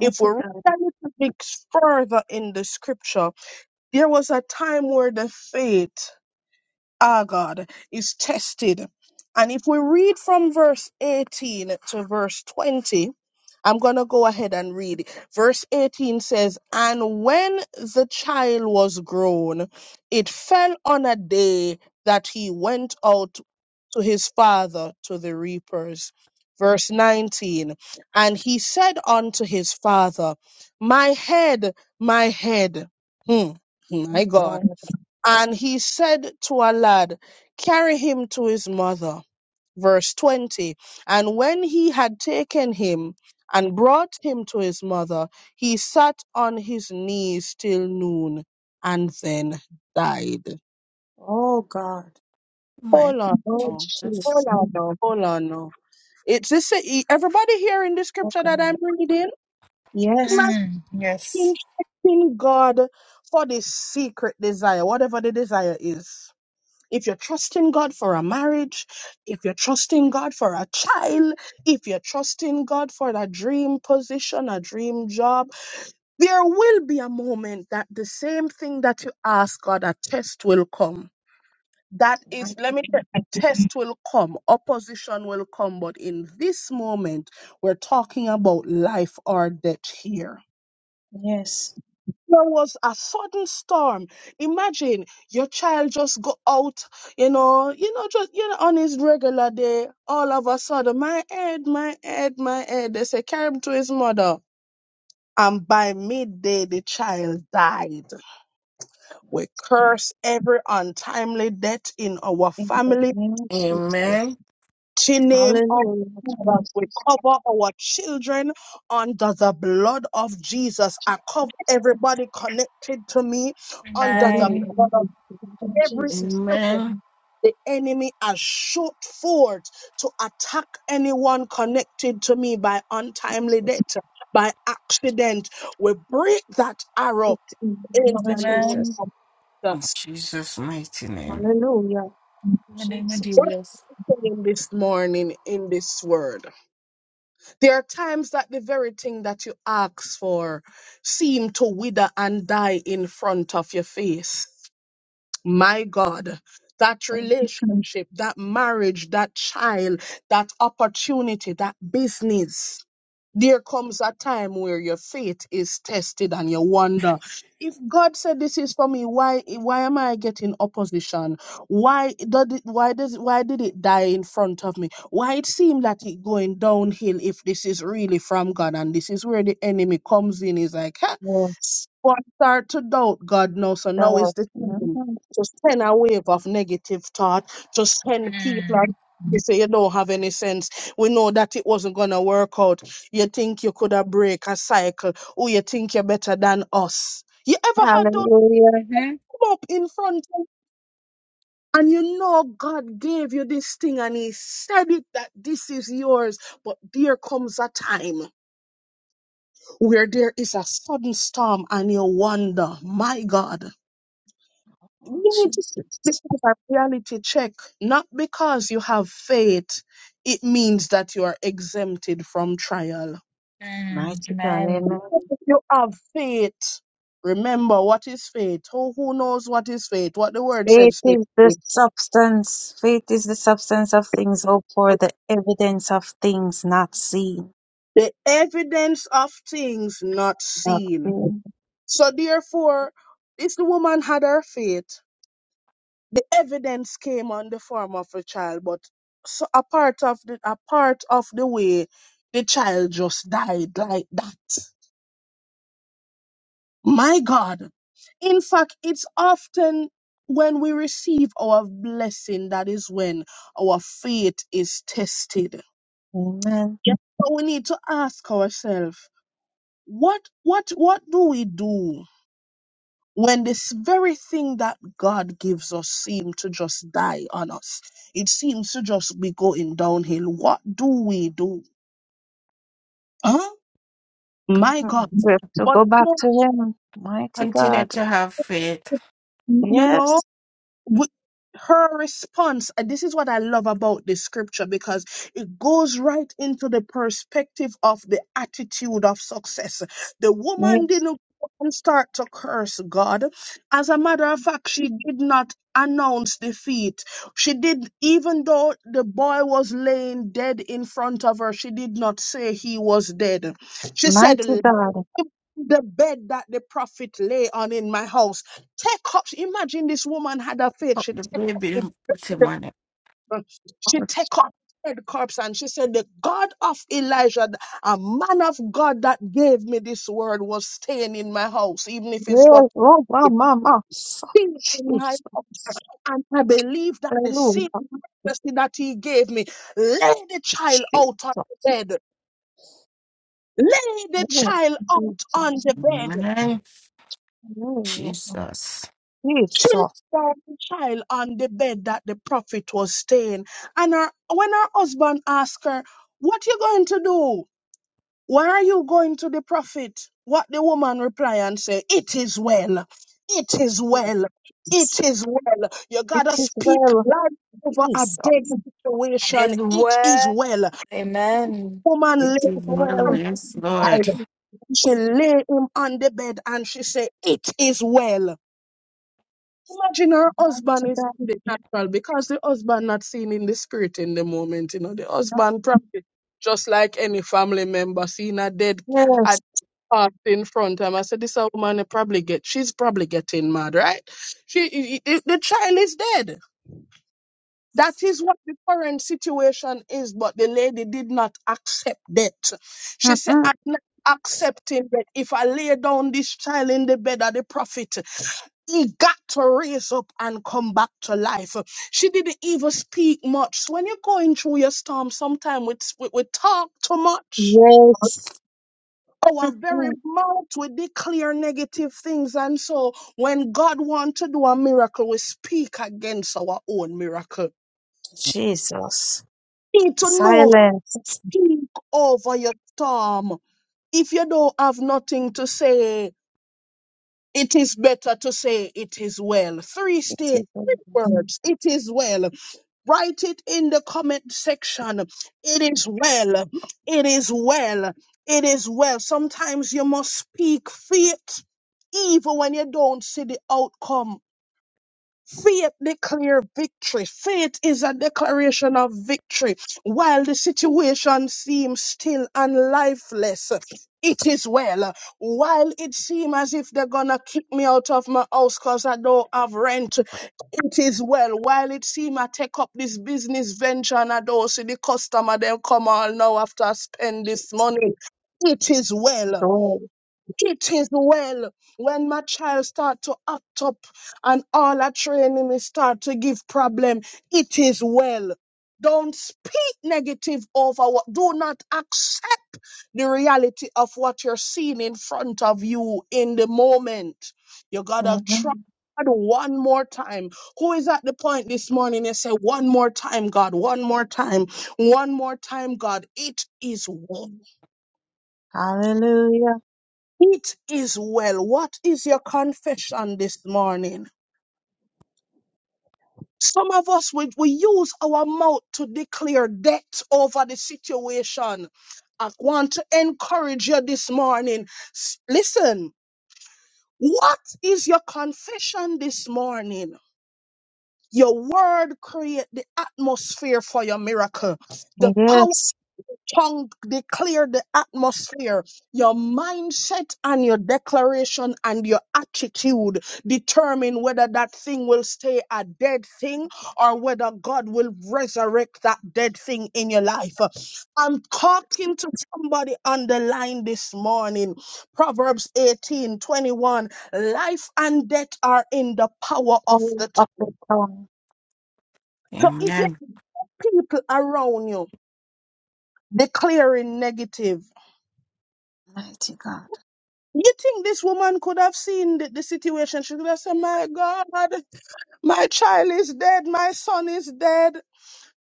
B: If we read
D: God.
B: a little bit further in the scripture, there was a time where the faith our God is tested. And if we read from verse 18 to verse 20, I'm going to go ahead and read. Verse 18 says, And when the child was grown, it fell on a day that he went out to his father to the reapers. Verse 19, And he said unto his father, My head, my head. Hmm, my
D: Oh
B: God.
D: God.
B: And he said to a lad, Carry him to his mother. Verse 20. And when he had taken him and brought him to his mother, he sat on his knees till noon and then died.
D: Oh God.
C: My
B: Hold on.
D: Oh
B: now.
C: Jesus.
D: Jesus.
B: Hold on. now. Hold on. now. It's this everybody here in the
D: Oh
B: scripture that
D: God.
B: I'm reading?
D: Yes,
B: Imagine
A: Mm. Yes.
B: checking God for the secret desire, whatever the desire is. If you're trusting God for a marriage, if you're trusting God for a child, if you're trusting God for a dream position, a dream job, there will be a moment that the same thing that you ask God, a test will come. That is,
D: mighty
B: let me tell
D: God.
B: you, a test will come, opposition will come, but in this moment, we're talking about life or death here
D: Yes,
B: there was a sudden storm. Imagine your child just go out, you know, you know, just you know, on his regular day, all of a sudden, my head, my head, my head. They say carry him to his mother. And by midday, the child died. We curse every untimely death in our
D: in the
B: family.
D: name of
C: Amen.
D: Jesus.
B: To name of
D: Hallelujah,
B: Jesus. we
D: Jesus.
B: cover our children under the blood of Jesus. I cover everybody connected to me under the
A: Amen.
D: Hallelujah,
B: blood of
D: in the name of
B: every
D: Jesus.
C: Amen.
B: second, the enemy has shot forth to attack anyone connected to me by untimely
D: Jesus.
B: death, by accident. We break that arrow
D: It's in
B: in
D: the name
B: the
D: of
B: name
A: Amen.
D: Jesus.
B: of
C: In
B: Jesus.
C: Jesus' mighty name.
D: Hallelujah,
A: In the name of
D: Jesus.
B: What's
A: Jesus.
B: saying this morning in this word? There are times that the very thing that you ask for seem to wither and die in front of your face. My God, that
D: Come,
B: relationship, that marriage, that child, that opportunity, that business. There comes a time where your faith is tested and you wonder if God said this is for me, why why am I getting opposition? Why does it, why does why did it die in front of me? Why it seemed that it going downhill if this is really from God and this is where the enemy comes in is like, huh?
D: Yes,
B: One start to doubt God now, so now is
D: God.
B: the season
D: Mhm.
B: to send a wave of negative thought, to send people
A: Mm.
B: and you say you don't have any sense. We know that it wasn't gonna work out. You think you could have break a cycle, or you think you're better than us. You ever had those
D: Hallelujah,
A: Mm-hmm.
B: come up in front of and you know God gave you this thing and He said it that this is yours. But there comes a time where there is a sudden storm and you wonder, my God.
D: oh,
B: Yeah, just
D: Jesus.
B: because a reality check, not because you have faith, it means that you are exempted from trial.
A: Mm.
D: Mighty God,
A: Amen.
D: amen.
B: If you have faith, remember what is faith? Who who knows what is faith? What the word
D: Faith
B: says faith.
D: is the
B: is.
D: substance. Faith is the substance of things hoped for, the evidence of things not seen.
B: The evidence of things not seen.
D: Okay.
B: So therefore, this woman had her faith. the evidence came on the form of a child, but so a part of the a part of the way the child just died like that. My God. In fact, it's often when we receive our blessing that is when our faith is tested.
D: Amen.
B: Yep. So we need to ask ourselves, what what what do we do? when this very thing that God gives us seems to just die on us, it seems to just be going downhill. What do we do? Huh? My God.
C: Continue
D: We
C: to
D: have to
B: But
D: go back
B: no,
D: to Him. Mighty
C: continue
D: God.
C: to have faith.
B: you know,
D: Yes.
B: with her response and this is what i love about this scripture because it goes right into the perspective of the attitude of success the woman
D: Yes.
B: didn't go and start to curse god as a matter of fact she did not announce defeat she did even though the boy was laying dead in front of her she did not say he was dead she said
D: Mighty God.
B: the bed that the prophet lay on in my house. Take up, imagine this woman had a faith.
C: Pop
B: She
C: the
B: take up
C: baby
B: the
C: and put him on
B: bed,
C: it.
B: she take up dead corpse and she said, The God of Elijah, a man of God that gave me this word was staying in my house, even if
D: Yes.
B: it's what
D: Oh, wow,
B: it
D: mama.
B: is in my
D: Jesus.
B: house. And I believe that the
D: Hallelujah.
B: same mercy that he gave me, lay the child out on
D: Jesus.
B: the bed. Lay the
D: Hallelujah.
B: child out on
D: Jesus.
B: the bed
C: Amen.
D: Hallelujah.
C: Jesus.
B: children,
D: Jesus.
B: child on the bed that the prophet was staying. And her, when her husband asked her, What you going to do? Why are you going to the prophet? What the woman reply and say, It is well. It is well. It is well. You
D: It
B: gotta
D: is
B: speak
D: well.
B: life over a
D: Jesus.
B: dead
A: It is
B: situation. It is
A: well.
B: well.
A: Amen.
B: Woman
D: It
B: lay
C: It
D: is
C: is my
B: and
D: well.
C: yes, Lord.
B: cried.
D: Jesus.
B: She lay him on the bed and she said, It is well. Imagine her husband
D: Mighty
B: is
D: God.
B: in the natural because the husband not seen in the spirit in the moment. You know, the
D: Mighty
B: husband
D: God.
B: probably just like any family member seeing a dead
D: Yes.
B: at passed in front of him. I said, this a woman they probably get. She's probably getting mad, right? She i- i- i- the child is dead. That is what the current situation is. But the lady did not accept that. She said,
D: Mm-mm.
B: I'm not accepting that if I lay down this child in the bed of the prophet. He got to raise up and come back to life. She didn't even speak much. So when you're going through your storm, sometimes we, we, we talk too much.
D: Yes.
B: Our very
D: Mm.
B: mouth we declare negative things. And so when God wants to do a miracle, we speak against our own miracle.
D: Jesus.
B: You Need to know,
D: Silence.
B: speak over your storm. If you don't have nothing to say, it is better to say it is well. Three state words. It is well. Write it in the comment section. It is well. It is well. It is well. Sometimes you must speak faith even when you don't see the outcome Faith declare victory. Faith is a declaration of victory. While the situation seems still and lifeless, it is well. While it seems as if they're gonna kick me out of my house because I don't have rent, it is well. While it seems I take up this business venture and I don't see the customer, they'll come all now after I spend this
D: Jesus.
B: money. It is well
D: Lord.
B: it is well when my child start to act up and all our training is start to give problem. It is well. Don't speak negative over what. Do not accept the reality of what you're seeing in front of you in the moment. You gotta try
D: Mhm.
B: God one more time. Who is at the point this morning? They say, "One more time, God. One more time. One more time, God. It is well."
D: Hallelujah.
B: It is well. What is your confession this morning? Some of us, we, we use our mouth to declare debt over the situation. I want to encourage you this morning. S- Listen, what is your confession this morning? Your word create the atmosphere for your miracle. The power
D: Yes.
B: tongue declare the atmosphere. Your mindset and your declaration and your attitude determine whether that thing will stay a dead thing or whether God will resurrect that dead thing in your life. I'm talking to somebody on the line this morning. Proverbs 18:21. Life and death are in the power of
D: Power
B: the
D: of
B: tongue.
D: the tongue.
B: So if you
C: Amen.
B: have people around you declaring negative,
D: Mighty God.
B: You think this woman could have seen the, the situation? She could have said, My God, my child is dead, my son is dead.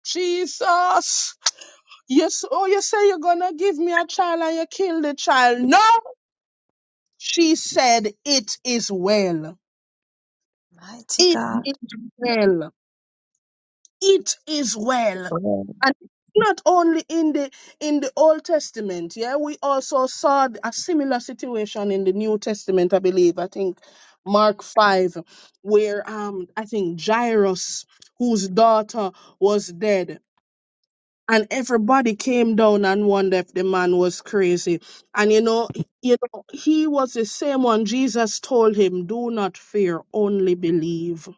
B: Jesus. Yes, oh, you say you're gonna give me a child and you kill the child. No, she said, It is well.
D: Mighty
B: It
D: God.
B: is well. it is well.
D: Lord.
B: And not only in the in the Old Testament, yeah, we also saw a similar situation in the New Testament, I believe. I think Mark five, where um I think Jairus, whose daughter was dead, and everybody came down and wondered if the man was crazy. And you know, you know, he was the same one Jesus told him, Do not fear, only believe.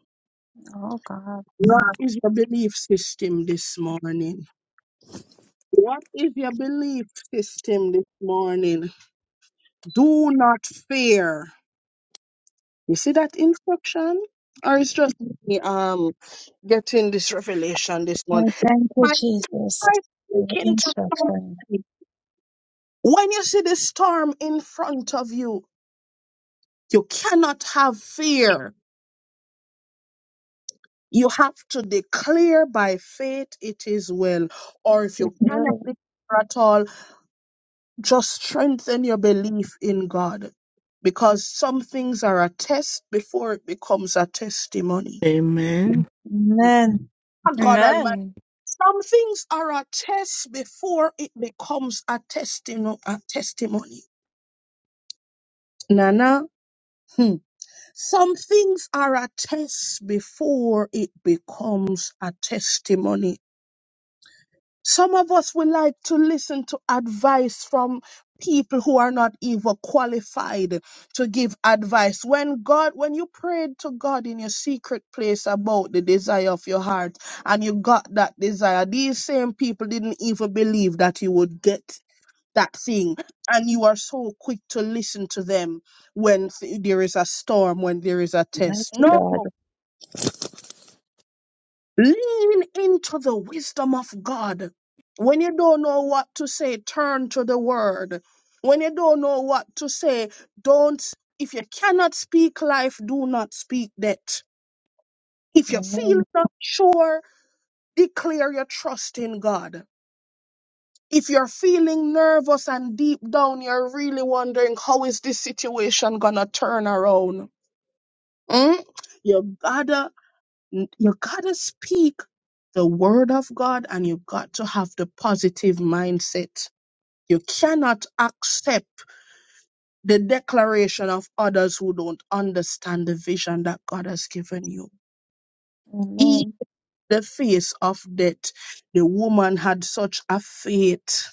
D: Oh God.
B: What is your belief system this morning? What is your belief system this morning? Do not fear. You see that instruction? Or it's just me um getting this revelation this
D: I
B: morning.
D: thank you,
B: By
D: Jesus,
B: first
D: for your
B: thinking to
D: instruction.
B: something, when you see the storm in front of you, you cannot have fear. You have to declare by faith it is well. Or if you cannot declare at all, just strengthen your belief in God because some things are a test before it becomes a testimony.
C: Amen.
D: Amen.
B: Ah, God Almighty,
A: Amen.
B: some things are a test before it becomes a, testimo- a testimony. Nana, hmm. some things are a test before it becomes a testimony. Some of us would like to listen to advice from people who are not even qualified to give advice. When God, when you prayed to God in your secret place about the desire of your heart and you got that desire, these same people didn't even believe that you would get that thing. And you are so quick to listen to them when th- there is a storm, when there is a test.
D: Mighty
B: No.
D: God.
B: Lean into the wisdom of God. When you don't know what to say, turn to the word. When you don't know what to say, don't, if you cannot speak life, do not speak death. If you're feeling
D: Amen.
B: not sure, declare your trust in God. If you're feeling nervous and deep down, you're really wondering how is this situation gonna turn around? Mm? You gotta N- you gotta speak the word of God and you got to have the positive mindset. You cannot accept the declaration of others who don't understand the vision that God has given you. In
D: Amen.
B: the face of death, the woman had such a faith.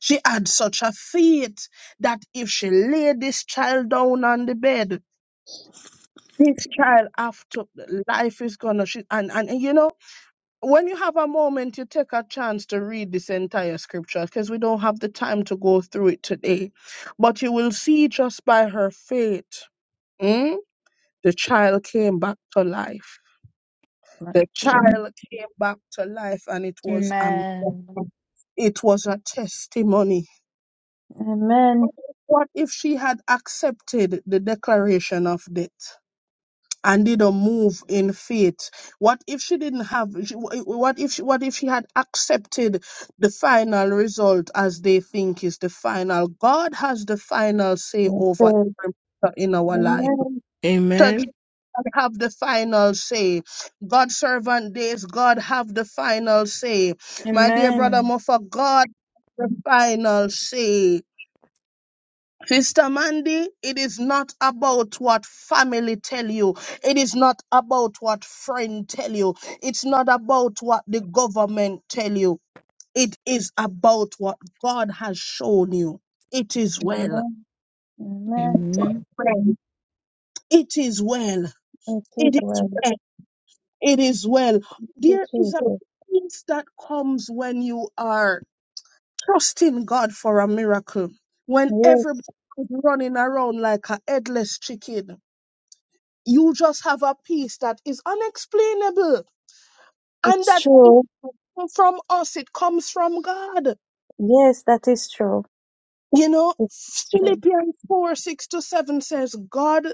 B: She had such a faith that if she laid this child down on the bed, this child after life is gonna she, and, and and you know when you have a moment, you take a chance to read this entire scripture because we don't have the time to go through it today. But you will see just by her faith, mm, the child came back to life. The
D: Mighty God.
B: child came back to life, and it was a
A: Amen.
B: miracle. it was a testimony.
D: Amen.
B: What if she had accepted the declaration of death? and didn't move in faith what if she didn't have she- what if she, what if she had accepted the final result as they think is the final god has the final say
D: I
B: over
D: say,
B: every matter in our life
D: Amen.
B: Church
C: Amen.
B: have the final say. God servant days, God have the final say. My dear brother
A: Amen.
B: Muffa, God the final say. Sister Mandy, it is not about what family tell you. It is not about what friend tell you. It's not about what the government tell you. It is about what God has shown you. It is well.
D: Amen. Amen.
C: Amen.
B: Right. It is well.
D: I take
B: It is
D: well.
B: well. It is well.
D: to
B: There is a
D: Jesus.
B: peace that comes when you are trusting God for a miracle. When
D: Yes.
B: everybody is running around like a headless chicken You just have a peace that is unexplainable and
D: It's
B: that it
D: true.
B: come from us, it comes from God.
D: Yes, that is true.
B: You know,
D: It's true.
B: Philippians 4 6 to 7 says, God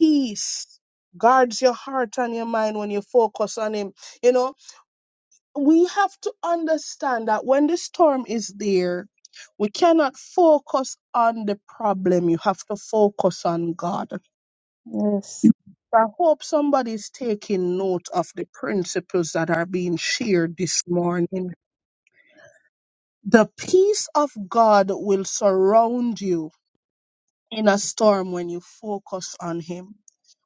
B: peace guards your heart and your mind when you focus on Him. You know, we have to understand that when the storm is there, we cannot focus on the problem. You have to focus on God
D: Yes,
B: I hope somebody's taking note of the principles that are being shared this morning. The peace of God will surround you in a storm when you focus on Him.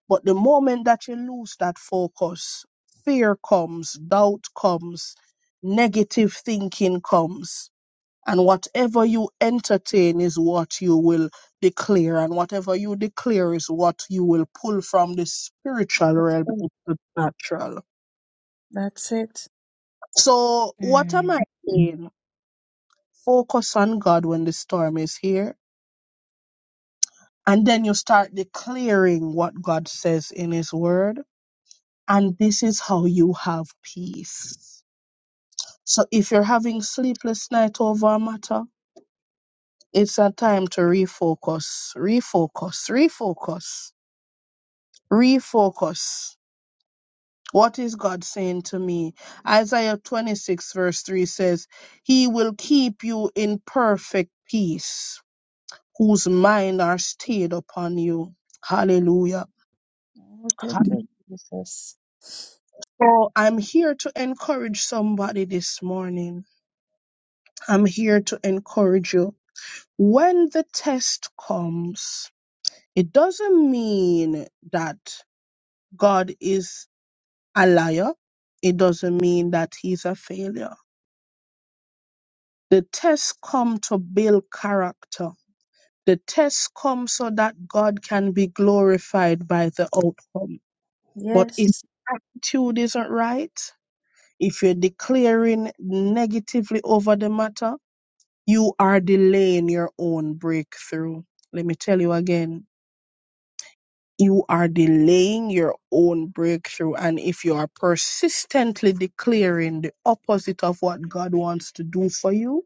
B: But the moment that you lose that focus, fear comes, doubt comes, negative thinking comes. And whatever you entertain is what you will declare. And whatever you declare is what you will pull from the spiritual
D: that's
B: realm
D: it.
B: into the natural.
D: That's it.
B: So, what
A: Mm.
B: am I saying? Focus on God when the storm is here. And then you start declaring what God says in His Word. And this is how you have peace. So, if you're having sleepless night over a matter, it's a time to refocus, refocus, refocus refocus. What is God saying to me? Isaiah 26, verse 3 says, He will keep you in perfect peace, whose mind are stayed upon you. Hallelujah.
D: Oh, thank you, Jesus.
B: So I'm here to encourage somebody this morning. I'm here to encourage you. When the test comes, it doesn't mean that God is a liar. It doesn't mean that he's a failure The tests come to build character. The tests come so that God can be glorified by the outcome. But if
D: Yes.
B: attitude isn't right, if you're declaring negatively over the matter, you are delaying your own breakthrough. Let me tell you again. You are delaying your own breakthrough. And if you are persistently declaring the opposite of what God wants to do for you,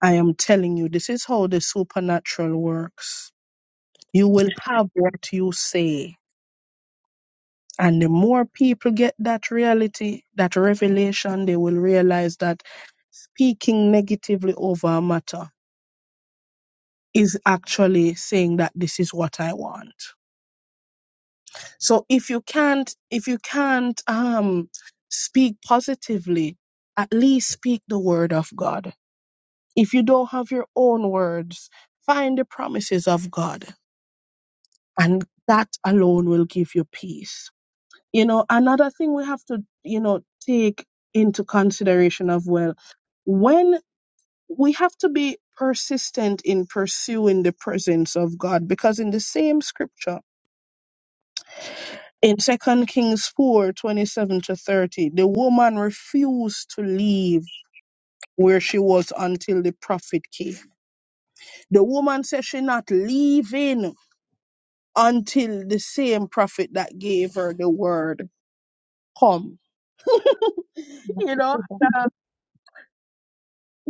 B: I am telling you, this is how the supernatural works. You will have what you say. And the more people get that reality, that revelation, they will realize that speaking negatively over a matter is actually saying that this is what I want. So if you can't, if you can't um, speak positively, at least speak the word of God. If you don't have your own words, find the promises of God and that alone will give you peace. You know, another thing we have to, you know, take into consideration as well, when we have to be persistent in pursuing the presence of God, because in the same scripture, in Second Kings 4 27 to 30, the woman refused to leave where she was until the prophet came. The woman said she not leaving until the same prophet that gave her the word come you know
D: Mighty God.
B: uh,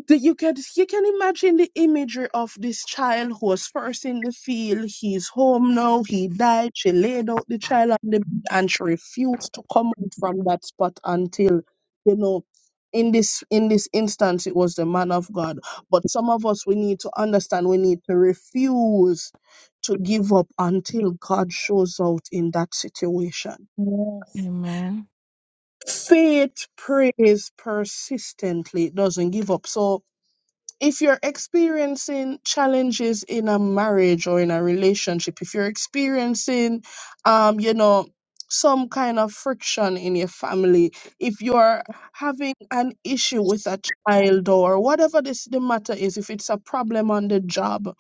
B: the- you can you can imagine the imagery of this child who was first in the field he's home now he died she laid out the child on the bed and she refused to come out from that spot until you know in this in this instance it was the man of god but some of us we need to understand we need to refuse to give up until god shows out in that situation
D: Yes.
C: Amen.
B: faith prays persistently it doesn't give up so if you're experiencing challenges in a marriage or in a relationship, if you're experiencing, um, you know, some kind of friction in your family, if you're having an issue with a child or whatever this the matter is, if it's a problem on the job,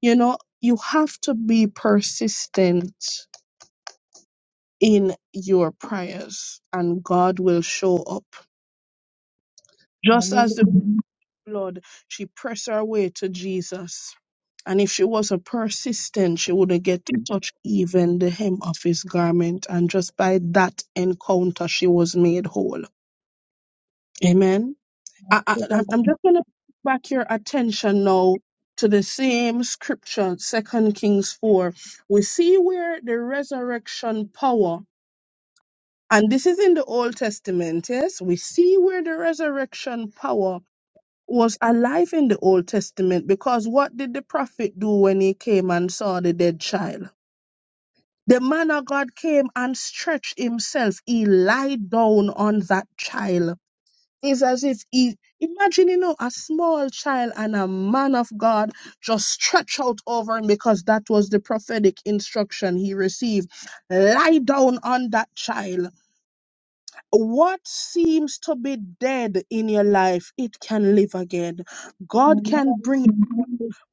B: you know, you have to be persistent in your prayers and God will show up. Just as the
D: Hallelujah.
B: blood, she pressed her way to Jesus And if she was a persistent, she would get to touch even the hem of his garment. And just by that encounter, she was made whole. Amen. I, I,
D: Mighty
B: I'm
D: God.
B: I'm just going to back your attention now to the same scripture, Second Kings 4. We see where the resurrection power, and this is in the Old Testament, yes? We see where the resurrection power was alive in the Old Testament because what did the prophet do when he came and saw the dead child? The man of God came and stretched himself. He lied down on that child. It's as if he, imagine, you know, a small child and a man of God just stretch out over him because that was the prophetic instruction he received. Lie down on that child what seems to be dead in your life it can live again god can
D: Amen.
B: bring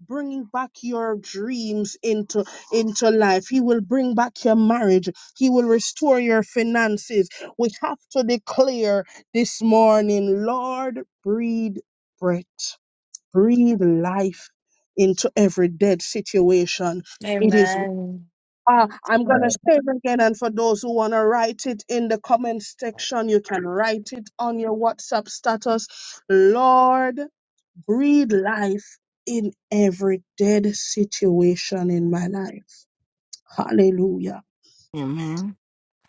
B: bring back your dreams into into life he will bring back your marriage he will restore your finances we have to declare this morning lord breathe breath breathe life into every dead situation it is
A: Amen.
B: uh,
D: Mighty
B: I'm going to
D: God.
B: say it again. And for those who want to write it in the comment section, you can write it on your WhatsApp status. Lord, breathe life in every dead situation in my life. Hallelujah.
C: Amen.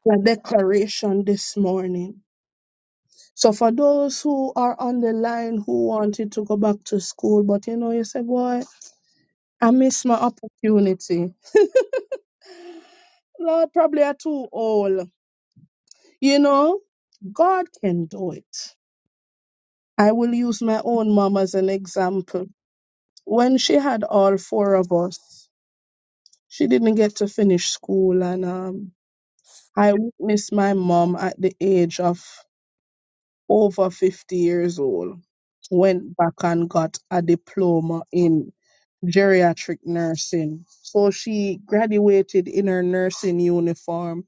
B: A declaration this morning. So for those who are on the line who wanted to go back to school, but you know, you say, boy, I missed my opportunity. Lord, probably are too old. You know, God can do it. I will use my own mom as an example. When she had all four of us, she didn't get to finish school, and um, I witnessed my mom at the age of over 50 years old went back and got a diploma in geriatric nursing. So she graduated in her nursing uniform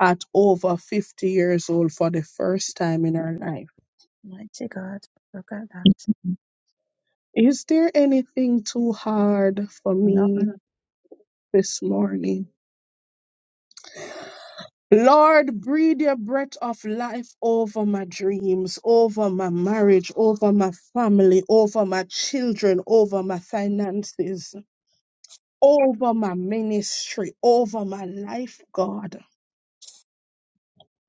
B: at over 50 years old for the first time in her life.
D: Mighty God. Look at that.
B: Is there anything too hard for
D: No,
B: me
D: no,
B: this morning. Lord, breathe your breath of life over my dreams, over my marriage, over my family, over my children, over my finances, over my ministry, over my life, God.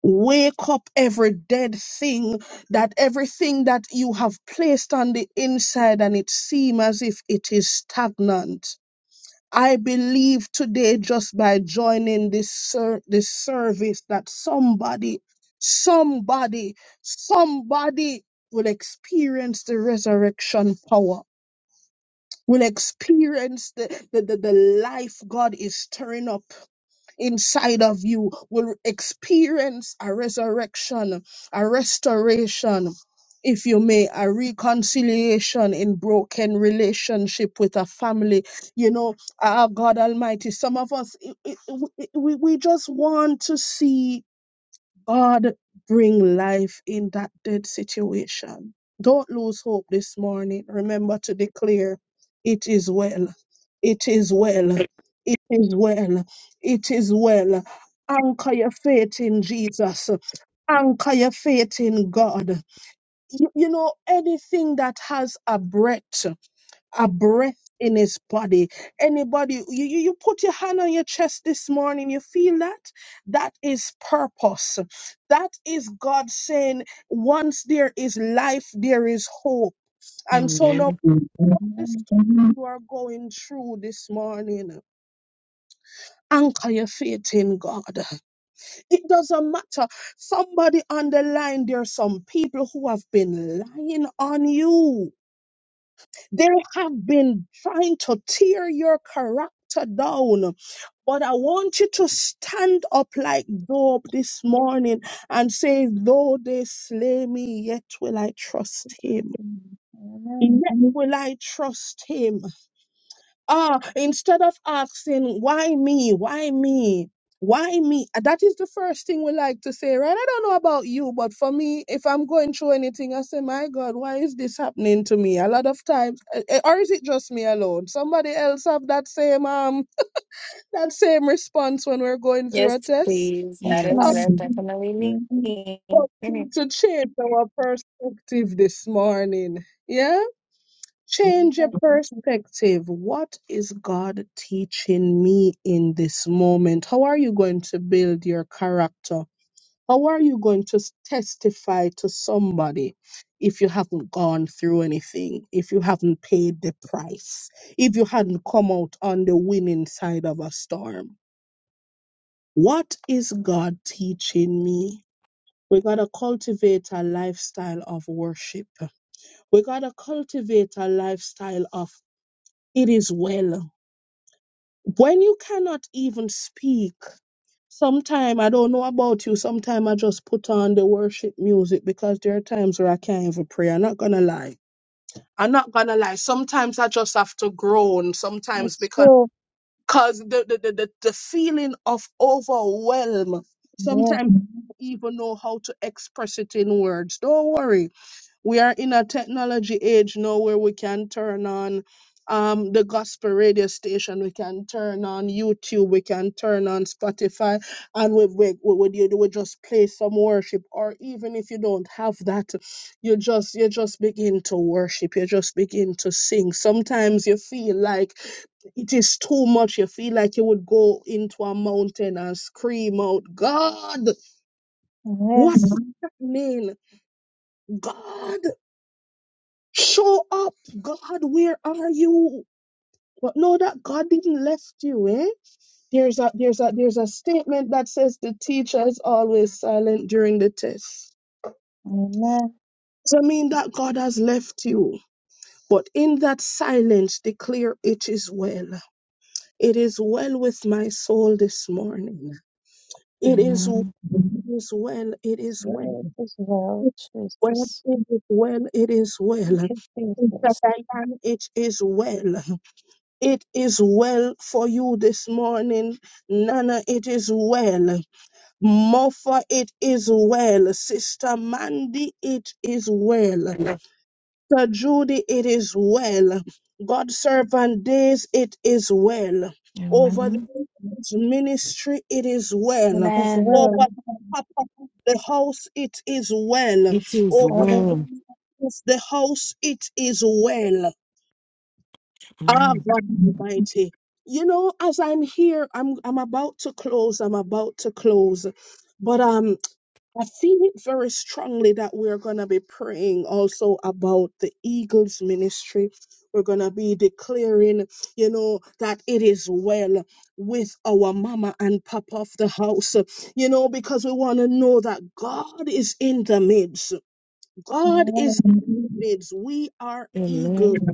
B: Wake up every dead thing that everything that you have placed on the inside and it seems as if it is stagnant. I believe today, just by joining this ser- this service, that somebody, somebody, somebody will experience the resurrection power. Will experience the, the, the, the life God is stirring up inside of you will experience a resurrection, a restoration, if you may, a reconciliation in broken relationship with a family. You know, ah, God Almighty, some of us, i- i- we, we we just want to see God, bring life in that dead situation. Don't lose hope this morning. Remember to declare, it is well. It is well. It is well. It is well. Anchor your faith in Jesus. Anchor your faith in God. You, you know, anything that has a breath a breath in his body. Anybody, you, you, you put your hand on your chest this morning, you feel that? That is purpose. That is God saying, once there is life, there is hope. And so now,
C: Amen.
B: this
D: no.
B: you are going through this morning. Anchor your faith in God. It doesn't matter. Somebody on the line, there are some people who have been lying on you They have been trying to tear your character down. But I want you to stand up like Job this morning and say, Though they slay me, yet will I trust him.
D: Amen.
B: Yet
D: Amen.
B: will I trust him. Ah, instead of asking, why me? Why me? Why me? Uh, That is the first thing we like to say, right? I don't know about you, but for me, if I'm going through anything, I say, my God, why is this happening to me? A lot of times, uh, uh, or is it just me alone? Somebody else have that same um that same response when we're going through
A: Yes,
B: a test.
A: please.
D: Yes,
A: That is
C: Yes.
D: ma'am.
A: very
B: Um,
A: definitely me.
D: Mhm.
B: but
A: Mhm.
B: to change our perspective this morning, yeah. Change your
D: Amen.
B: perspective. What is God teaching me in this moment? How are you going to build your character? How are you going to s- testify to somebody if you haven't gone through anything, if you haven't paid the price, if you hadn't come out on the winning side of a storm? What is God teaching me? We gotta cultivate a lifestyle of worship. We gotta cultivate a lifestyle of it is well. When you cannot even speak, sometime I don't know about you, sometime I just put on the worship music because there are times where I can't even pray. I'm not gonna lie. I'm not gonna lie. Sometimes I just have to groan, sometimes
D: It's
B: because
D: true.
B: cause the, the, the, the, the feeling of overwhelm.
D: Yes.
B: Sometimes I don't even know how to express it in words. Don't worry we are in a technology age now where we can turn on um, the gospel radio station, we can turn on YouTube, we can turn on Spotify, and we, we, we, we, you- we just play some worship. Or even if you don't have that, you just you just begin to worship, you just begin to sing. Sometimes you feel like it is too much. You feel like you would go into a mountain and scream out, God, what
D: Yes.
B: is happening? God. Show up, God. Where are you? But know that God didn't left you. Eh? There's a there's a there's a statement that says the teacher is always silent during the test.
D: Amen.
B: Doesn't mean that God has left you, but in that silence, declare it is well. It is well with my soul this morning. It is,
C: Amen.
B: it is well. It
D: It's
B: is well.
D: well. It is well,
B: It is well.
D: Jesus.
B: It is well. It is well.
D: should face
B: It's a
D: this.
B: lion, it is well. It is well for you this morning. Nana, it is well. Moffa, it is well. Sister Mandy, it is well. Sister Judy, it is well. God servant days, it is well. Over
C: Amen.
B: this ministry, it is
D: It
B: well.
D: is
A: Amen.
B: Over
D: well,
B: the papa of the house, it is well.
C: It is
B: Over
C: well.
D: hallelujah,
B: this- the house, it is well. Ah,
C: Amen.
B: God Almighty. You know, as I'm here, I'm I'm about to close. I'm about to close, but um, I feel it very strongly that we're gonna be praying also about the Eagles ministry. We're gonna be declaring, you know, that it is well with our mama and papa of the house. You know, because we want to know that God is in the midst. God is
D: and
B: in the midst. We are eagles.
C: Amen.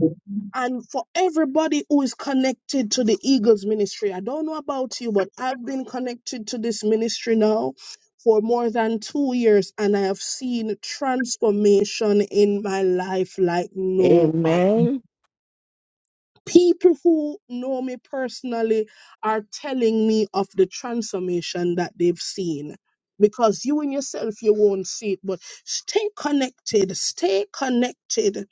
B: And for everybody who is connected to the Eagles ministry, I don't know about you, but I've been connected to this ministry now for more than two years, and I have seen transformation in my life like no other
C: Amen.
B: people who know me personally are telling me of the transformation that they've seen because you and yourself you won't see it but stay connected stay connected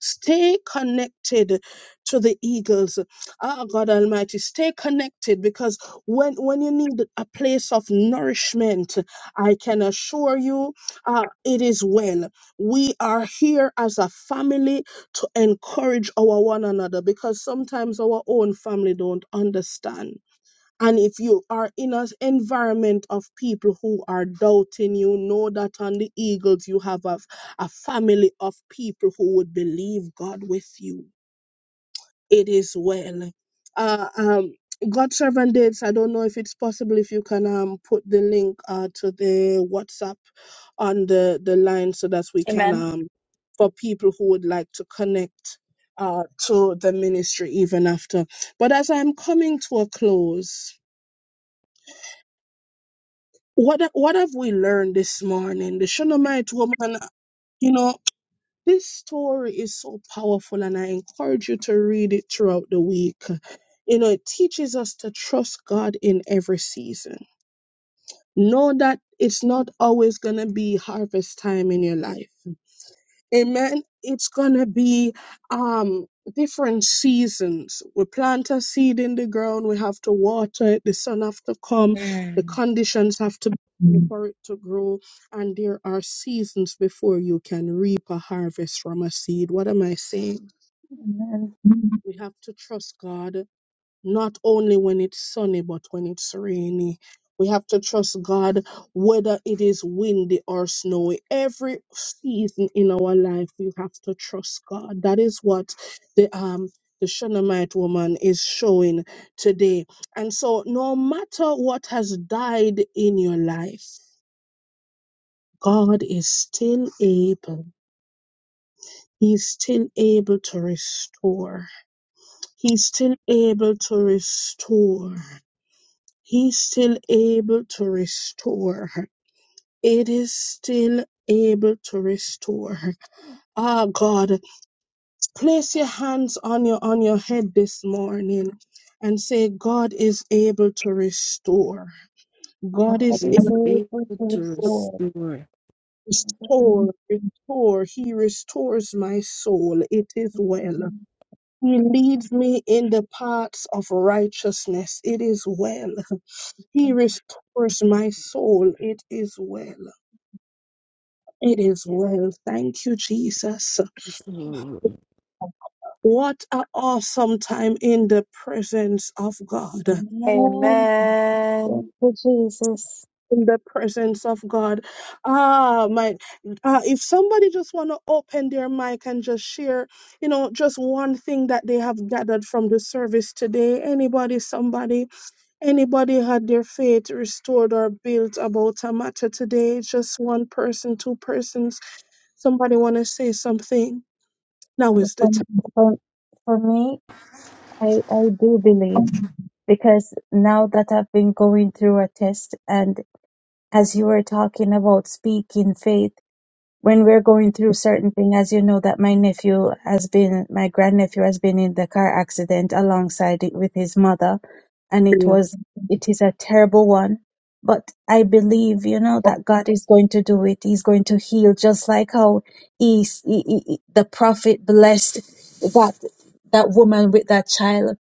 B: stay connected to the eagles Ah god almighty stay connected because when when you need a place of nourishment i can assure you uh, it is well we are here as a family to encourage our one another because sometimes our own family don't understand. And if you are in an environment of people who are doubting you, know that on the Eagles you have a, a family of people who would believe God with you it is well. Uh, um, God servant dates. I don't know if it's possible if you can um put the link uh to the WhatsApp on the the line so that we can
A: Amen.
B: um for people who would like to connect uh to the ministry even after. But as I'm coming to a close, what what have we learned this morning? The Shunammite woman, you know. This story is so powerful, and I encourage you to read it throughout the week. You know, it teaches us to trust God in every season. Know that it's not always going to be harvest time in your life. Amen. It's gonna be um different seasons. We plant a seed in the ground, we have to water it, the sun have to come, the
A: Mm.
B: conditions have to be there Mm. for it to grow, and there are seasons before you can reap a harvest from a seed. What am I saying? Mm. We have to trust God not only when it's sunny, but when it's rainy. We have to trust God, whether it is windy or snowy. Every season in our life, we have to trust God. That is what the um the Shunammite woman is showing today. And so, no matter what has died in your life, God is still able. He's still able to restore. He's still able to restore. He's still able to restore. her. It is still able to restore. her. Ah, God, place your hands on your on your head this morning and say, God is able to restore. God
D: God
C: It
B: is
D: is
C: is
B: able
C: able
D: able to
C: to
B: to
D: restore. Thank you,
B: restore, restore. He restores my soul. It is
D: Jesus.
B: well. He leads me in the paths of righteousness. It is well. He restores my soul. It is well. It is well. Thank you, Jesus.
C: restore.
B: What an awesome time in the presence of God.
D: Amen. Thank
A: Amen.
D: you, Jesus.
B: In the presence of God. Ah, my. Uh, if somebody just want to open their mic and just share, you know, just one thing that they have gathered from the service today. Anybody, somebody, anybody had their faith restored or built about a matter today. Just one person, two persons. Somebody want to say something. Now is the
D: For, for, for me, I, I do believe
B: time.
D: because now that I've been going through a test and as you were talking about speaking faith, when we're going through certain thing, as you know that my nephew has been, my grandnephew has been in the car accident alongside it with his mother and it
B: Yeah.
D: was it is a terrible one but i believe you know that god is going to do it he's going to heal just like how he, he, he- the prophet blessed that that woman with that child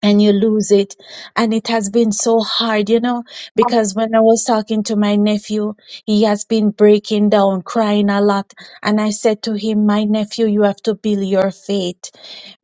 D: and you lose it and it has been so hard you know because when i was talking to my nephew he has been breaking down crying a lot and i said to him my nephew you have to build your faith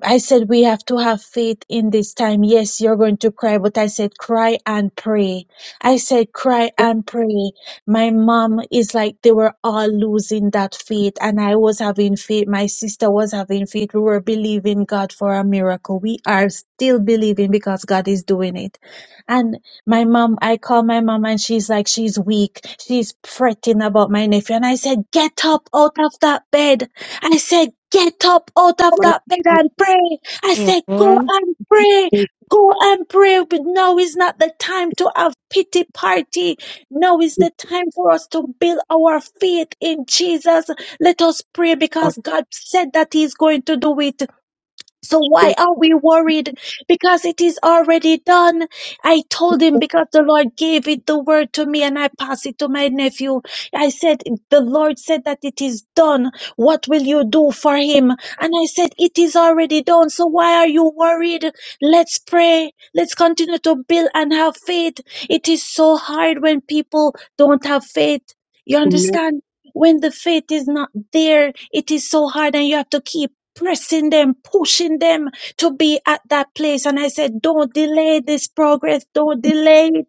D: I said we have to have faith in this time. Yes, you're going to cry, but I said cry and pray. I said cry and pray. My mom is like they were all losing that faith, and I was having faith. My sister was having faith. We were believing God for a miracle. We are still believing because God is doing it. And my mom, I call my mom, and she's like, she's weak. She's fretting about my nephew. And I said, get up out of that bed. I said, get up out of
B: My
D: that bed and pray. I
C: Amen.
D: said, go
C: Amen.
D: and pray. Go and pray. But now is not the time to have pity party. Now is the time for us to build our faith in Jesus. Let us pray because God said that He's going to do it. So why are we worried? Because it is already done. I told him because the Lord gave it the word to me and I pass it to my nephew. I said, the Lord said that it is done. What will you do for him? And I said, it is already done. So why are you worried? Let's pray. Let's continue to build and have faith. It is so hard when people don't have faith. You understand? When the faith is not there, it is so hard and you have to keep pressing them, pushing them to be at that place. And I said, don't delay this progress. Don't delay it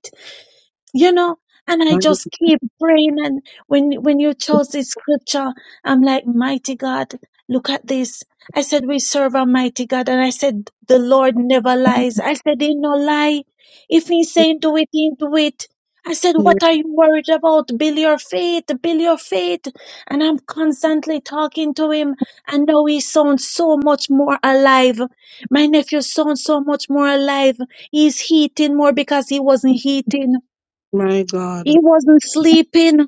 D: you know and i just keep praying and when when you chose this scripture i'm like mighty god look at this i said we serve a mighty god and i said the lord never lies i said he no lie if he's saying do it he do it i said what are you worried about build your faith build your faith and i'm constantly talking to him and now he sounds so much more alive my nephew sounds so much more alive he's heating more because he wasn't heating
B: God,
D: he wasn't sleeping.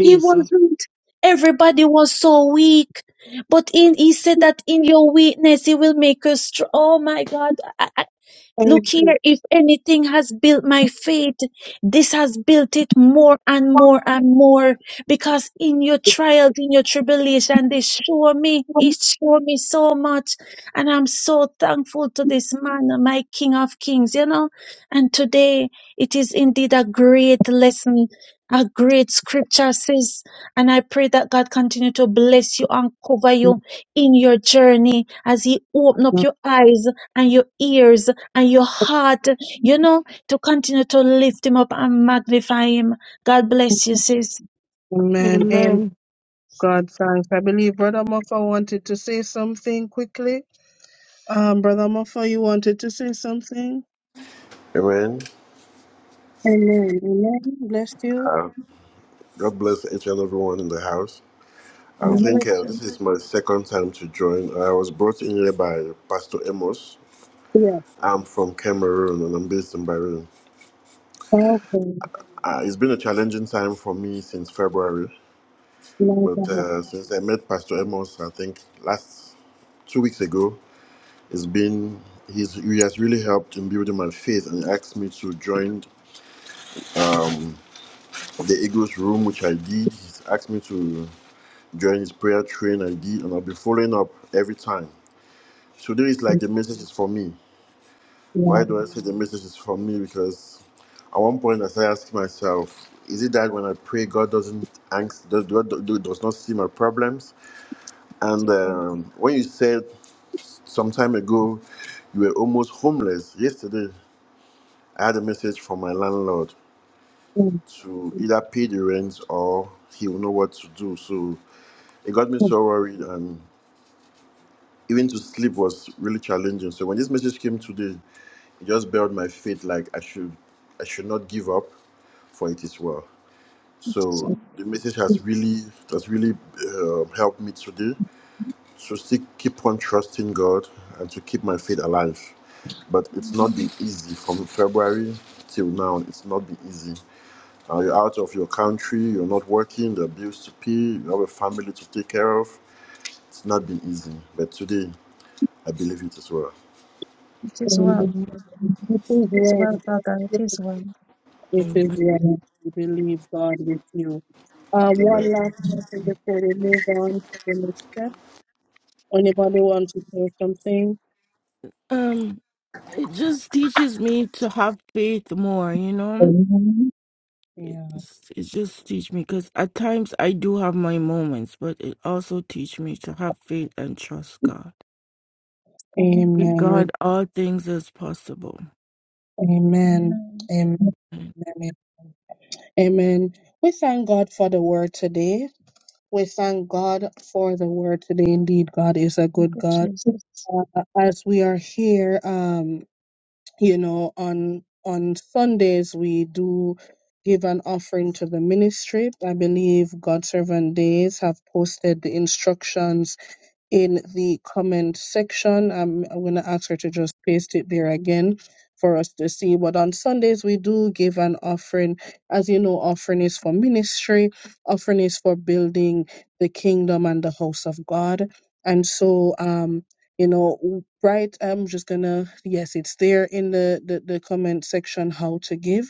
D: He wasn't. Everybody was so weak. But in he said that in your weakness he will make us strong. Oh my God. Look
B: Thank you.
D: here, if anything has built my faith, this has built it more and more and more. Because in your trials, in your tribulation, they show me, it show me so much. And I'm so thankful to this man, my King of Kings, you know. And today it is indeed a great lesson, a great scripture says. And I pray that God continue to bless you and cover you
B: Jesus.
D: in your journey as He open up your eyes and your ears and your heart, you know, to continue to lift him up and magnify him. God bless you, sis.
B: Amen. And God, thanks. I believe Brother Muffa wanted to say something quickly. Um, Brother Muffa, you wanted to say something?
E: Amen.
B: Amen. Amen. Bless you.
E: Uh, God bless each and everyone in the house. I
D: God
E: think
B: Amen.
D: bless
E: uh,
D: you.
E: this is my second time to join. I was brought in here by Pastor Amos.
B: Yeah,
E: I'm from Cameroon and I'm based in Bahrain.
B: thank you.
E: Uh, it's been a challenging time for me since February,
B: My
E: but
B: God.
E: uh, since I met Pastor Amos, I think last two weeks ago, it's been he's, he has really helped in building my faith and he asked me to join the Eagles room, which I did. He's asked me to join his prayer train. I did, and I'll be following up every time. Today is like the message is for me. Why
B: Yeah.
E: do I say the message is for me? Because at one point I started asking myself, is it that when I pray, God doesn't angst, does, God does not see my problems? And um, when you said some time ago you were almost homeless, yesterday I had a message from my landlord
B: Thank
E: to either pay the rent or he will know what to do. So it got me
B: you.
E: so worried, and. even to sleep was really challenging. So when this message came today, it just built my faith like I should I should not give up for it as well.
D: It is
E: So
D: well.
E: the message has really has really uh, helped me today. So still keep on trusting God and to keep my faith alive. But it's not been
D: Amen.
E: easy from February till now. It's not been easy. Uh, you're out of your country. You're not working. The bills to pay. You have a family to take care of. It's not been easy. But today, I believe it as well.
D: It is
B: Thank
D: well.
B: you.
C: Amen.
B: This
D: It
B: is
D: is well, brother. It
B: well.
D: is well.
B: It
C: Amen.
B: is yet to believe God with you. Uh,
E: Amen.
B: one last question before we move on to the next step. Anybody want to say something?
C: Um, it just teaches me to have faith more, you know?
B: Amen. Yeah.
C: It's, it just teach me because at times I do have my moments, but it also teach me to have faith and trust God.
D: Amen.
C: With
B: Amen. We,
C: God, all things is possible.
B: amen.
D: Amen.
B: Amen. Amen. Amen. We thank God for the word today. We thank God for the word today. Indeed, God is a
D: Thank
B: good God.
D: you, Jesus.
B: Uh, as we are here, um. you know on on sundays we do give an offering to the ministry i believe god's servant days have posted the instructions in the comment section. I'm, I'm going to ask her to just paste it there again for us to see. But on Sundays, we do give an offering. As you know, offering is for ministry, offering is for building the kingdom and the house of God. And so, um, you know, w- right, I'm just going to, yes, it's there in the, the, the comment section how to give.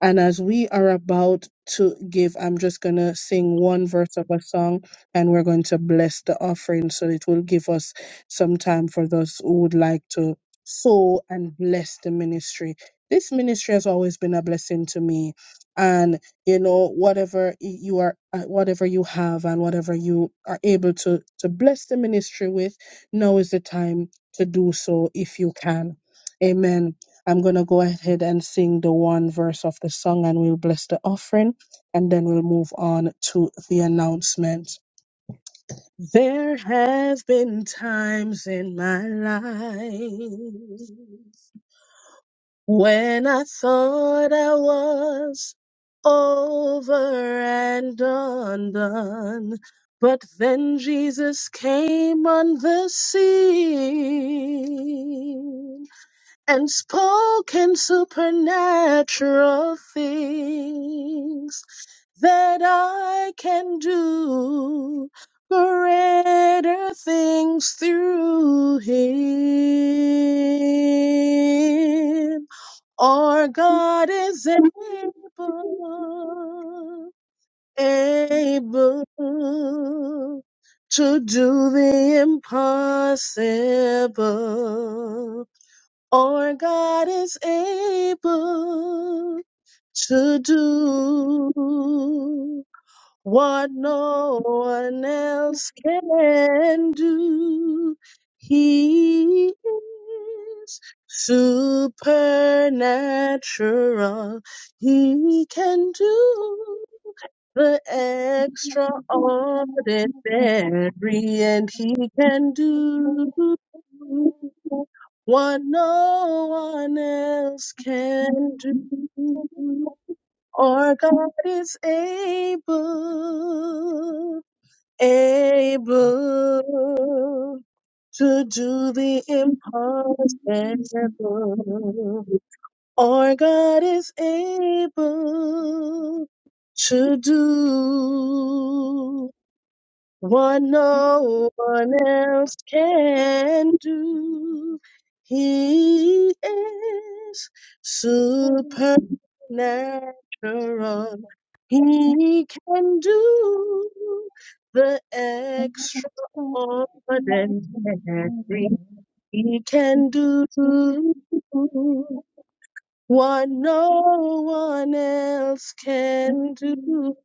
B: And as we are about to give, I'm just going to sing one verse of a song and we're going to bless the offering. So it will give us some time for those who would like to sow and bless the ministry. This ministry has always been a blessing to me. And you know, whatever y- you are, uh, whatever you have, and whatever you are able to to bless the ministry with, now is the time to do so if you can. Amen. I'm going to go ahead and sing the one verse of the song and we'll bless the offering and then we'll move on to the announcement. There have been times in my life when I thought I was over and undone, but then Jesus came on the scene and spoken supernatural things that I can do greater things through him. Our God is able, able to do the impossible. Our God is able to do what no one else can do. He is supernatural. He can do the extraordinary, and he can do what no one else can do. Our God is able, able to do the impossible. Our God is able to do what no one else can do. He is supernatural. He can do the extraordinary. He can do. What no one else can do.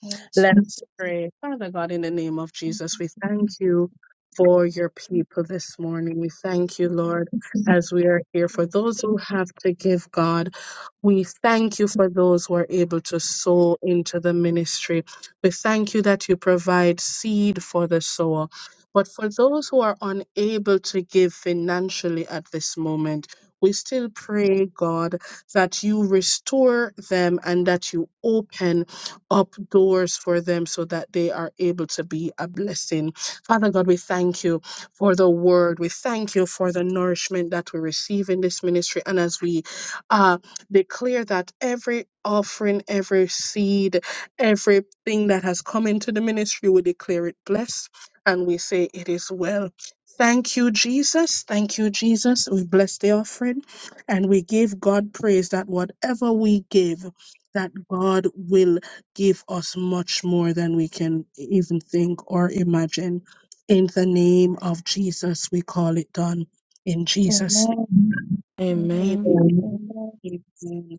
D: Oh, Jesus.
B: Let's pray. Father God, in the name of
D: Thank
B: Jesus,
D: you,
B: we
D: for
B: thank
D: Jesus.
B: you for
D: Thank
B: your people this morning. We thank you,
D: you, for
B: Lord,
D: Jesus.
B: as we are here. For those who have to give, God, we thank you for those who are able to sow into the ministry. We thank you that you provide seed for the sower. But for those who are unable to give financially at this moment, we still pray, God, that you restore them and that you open up doors for them so that they are able to be a blessing. Father God, we thank you for the word. We thank you for the nourishment that we receive in this ministry. And as we uh, declare that every offering, every seed, everything that has come into the ministry, we declare it blessed and we say it is well. Thank you, Jesus. Thank you, Jesus. We bless the offering and we give God praise that whatever we give, that God will give us much more than we can even think or imagine. In the name of Jesus, we call it done. In Jesus'
D: Amen.
B: name.
C: Amen.
B: Amen.
D: Amen.
B: Amen.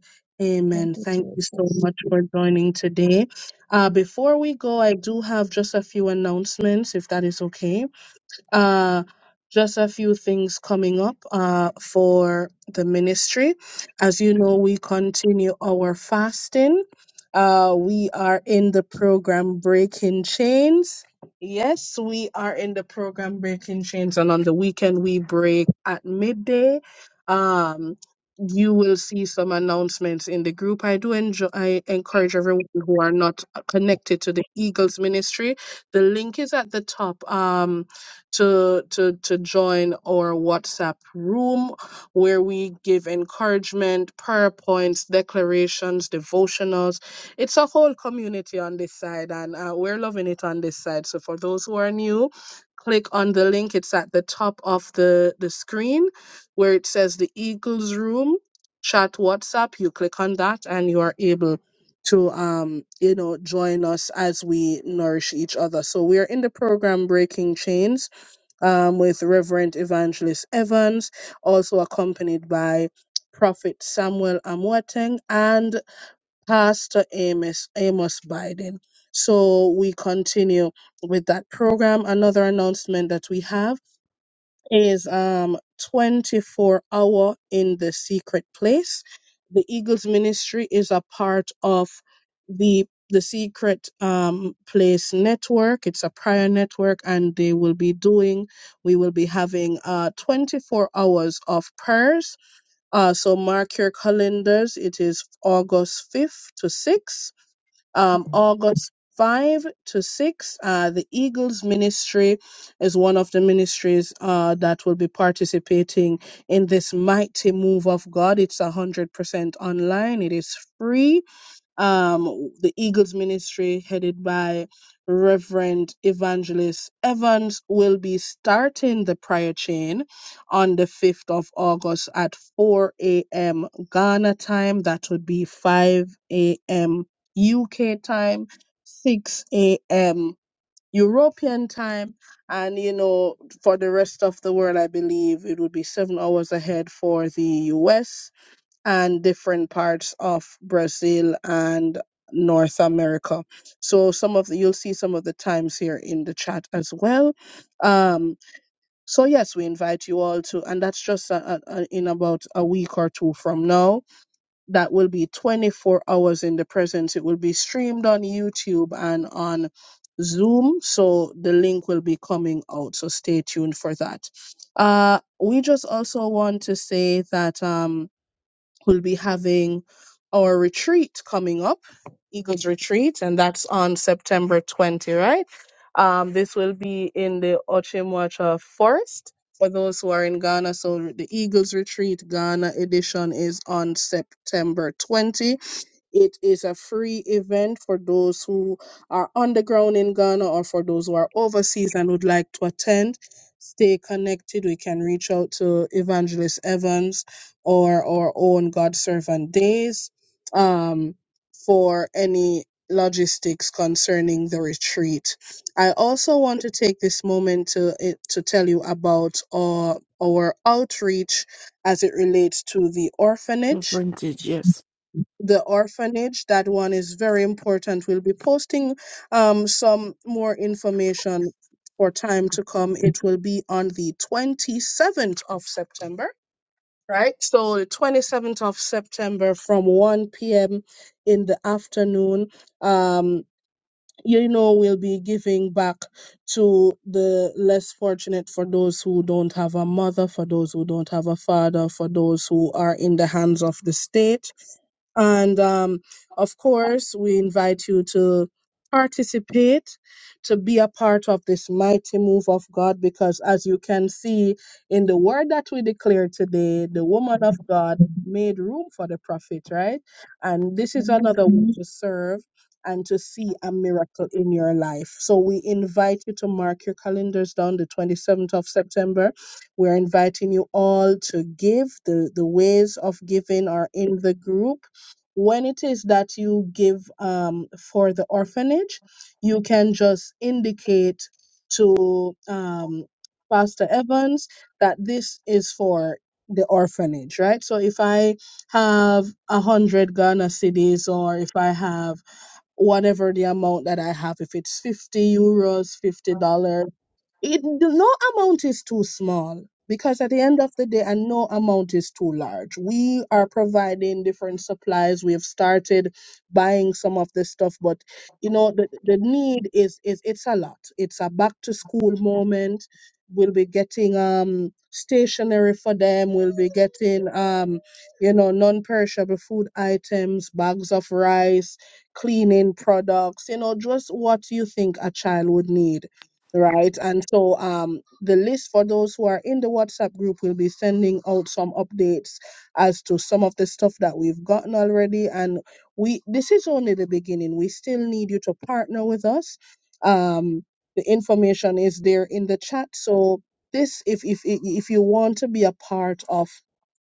D: Thank
B: Amen.
D: you,
B: Thank you so
D: Jesus.
B: much for joining today. Uh, before we go, I do have just a few announcements, if that is okay. Uh, just a few things coming up uh, for the ministry. As you know, we continue our fasting. Uh, we are in the program Breaking Chains. Yes, we are in the program Breaking Chains, and on the weekend we break at midday. Um, you will see some announcements in the group. I do enjoy. I encourage everyone who are not connected to the Eagles Ministry. The link is at the top. Um, to to to join our WhatsApp room where we give encouragement, prayer points, declarations, devotionals. It's a whole community on this side, and uh, we're loving it on this side. So for those who are new. Click on the link. It's at the top of the, the screen where it says the Eagles Room chat WhatsApp. You click on that and you are able to um you know join us as we nourish each other so we are in the program breaking chains um, with Reverend Evangelist Evans, also accompanied by Prophet Samuel Amwateng and Pastor Amos, Amos Biden. So we continue with that program. Another announcement that we have is um 24 hour in the secret place the eagles ministry is a part of the the secret um place network it's a prayer network and they will be doing we will be having uh 24 hours of prayers uh so mark your calendars it is august 5th to 6th um, August 5 to 6. Uh, the Eagles Ministry is one of the ministries uh, that will be participating in this mighty move of God. It's 100% online, it is free um, the Eagles Ministry, headed by Reverend Evangelist Evans, will be starting the prayer chain on the 5th of August at 4 a.m. Ghana time. That would be 5 a.m. UK time, 6 a.m. European time, and you know, for the rest of the world, I believe it would be seven hours ahead for the US and different parts of Brazil and North America. So some of the you'll see some of the times here in the chat as well. Um, so yes, we invite you all to, and that's just a, a, a- in about a week or two from now. That will be 24 hours in the presence. It will be streamed on YouTube and on Zoom. So the link will be coming out. So stay tuned for that. Uh, we just also want to say that. Um, We'll be having our retreat coming up, Eagles Retreat, and that's on September 20, right? Um, this will be in the Ochimwacha Forest. For those who are in Ghana, so the Eagles Retreat Ghana edition is on September 20 it is a free event for those who are underground in Ghana or for those who are overseas and would like to attend. Stay connected. We can reach out to Evangelist Evans or our own God Servant Days um, for any logistics concerning the retreat. I also want to take this moment to eh, to tell you about our, our outreach as it relates to the
C: The
B: orphanage
C: frontage, yes.
B: the orphanage. That one is very important. We'll be posting um, some more information for time to come. It will be on the 27th of September, right? So, the 27th of September from 1 p.m. in the afternoon. Um, you know, we'll be giving back to the less fortunate for those who don't have a mother, for those who don't have a father, for those who are in the hands of the state and um, of course, we invite you to participate, to be a part of this mighty move of God, because as you can see in the word that we declare today, the woman of God made room for the prophet, right? And this is
D: Amen.
B: another way to serve and to see a miracle in your life. So we invite you to mark your calendars down the 27th of September. We're inviting you all to give. The, the ways of giving are in the group when it is that you give um, for the orphanage, you can just indicate to um, Pastor Evans that this is for the orphanage, right? So if I have a hundred Ghana Cedis, or if I have whatever the amount that I have, if it's 50 euros, $50, it no amount is too small because at the end of the day and no amount is too large we are providing different supplies we have started buying some of this stuff but you know the, the need is is it's a lot it's a back to school moment we'll be getting um stationery for them we'll be getting um you know non-perishable food items bags of rice cleaning products you know just what you think a child would need right? And so um, the list for those who are in the WhatsApp group will be sending out some updates as to some of the stuff that we've gotten already. And we this is only the beginning. We still need you to partner with us. Um, the information is there in the chat. So this, if if if if you want to be a part of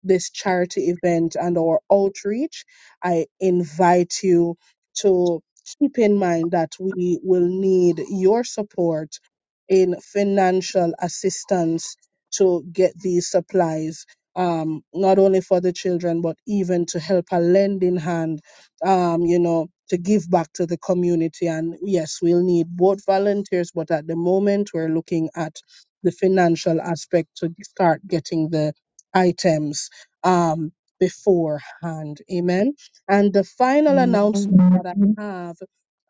B: this charity event and our outreach, I invite you to keep in mind that we will need your support in financial assistance to get these supplies, um, not only for the children, but even to help a lending hand, um, you know, to give back to the community. And yes, we'll need both volunteers, but at the moment we're looking at the financial aspect to start getting the items um, beforehand. Amen. And the final
C: Amen.
B: announcement that I have.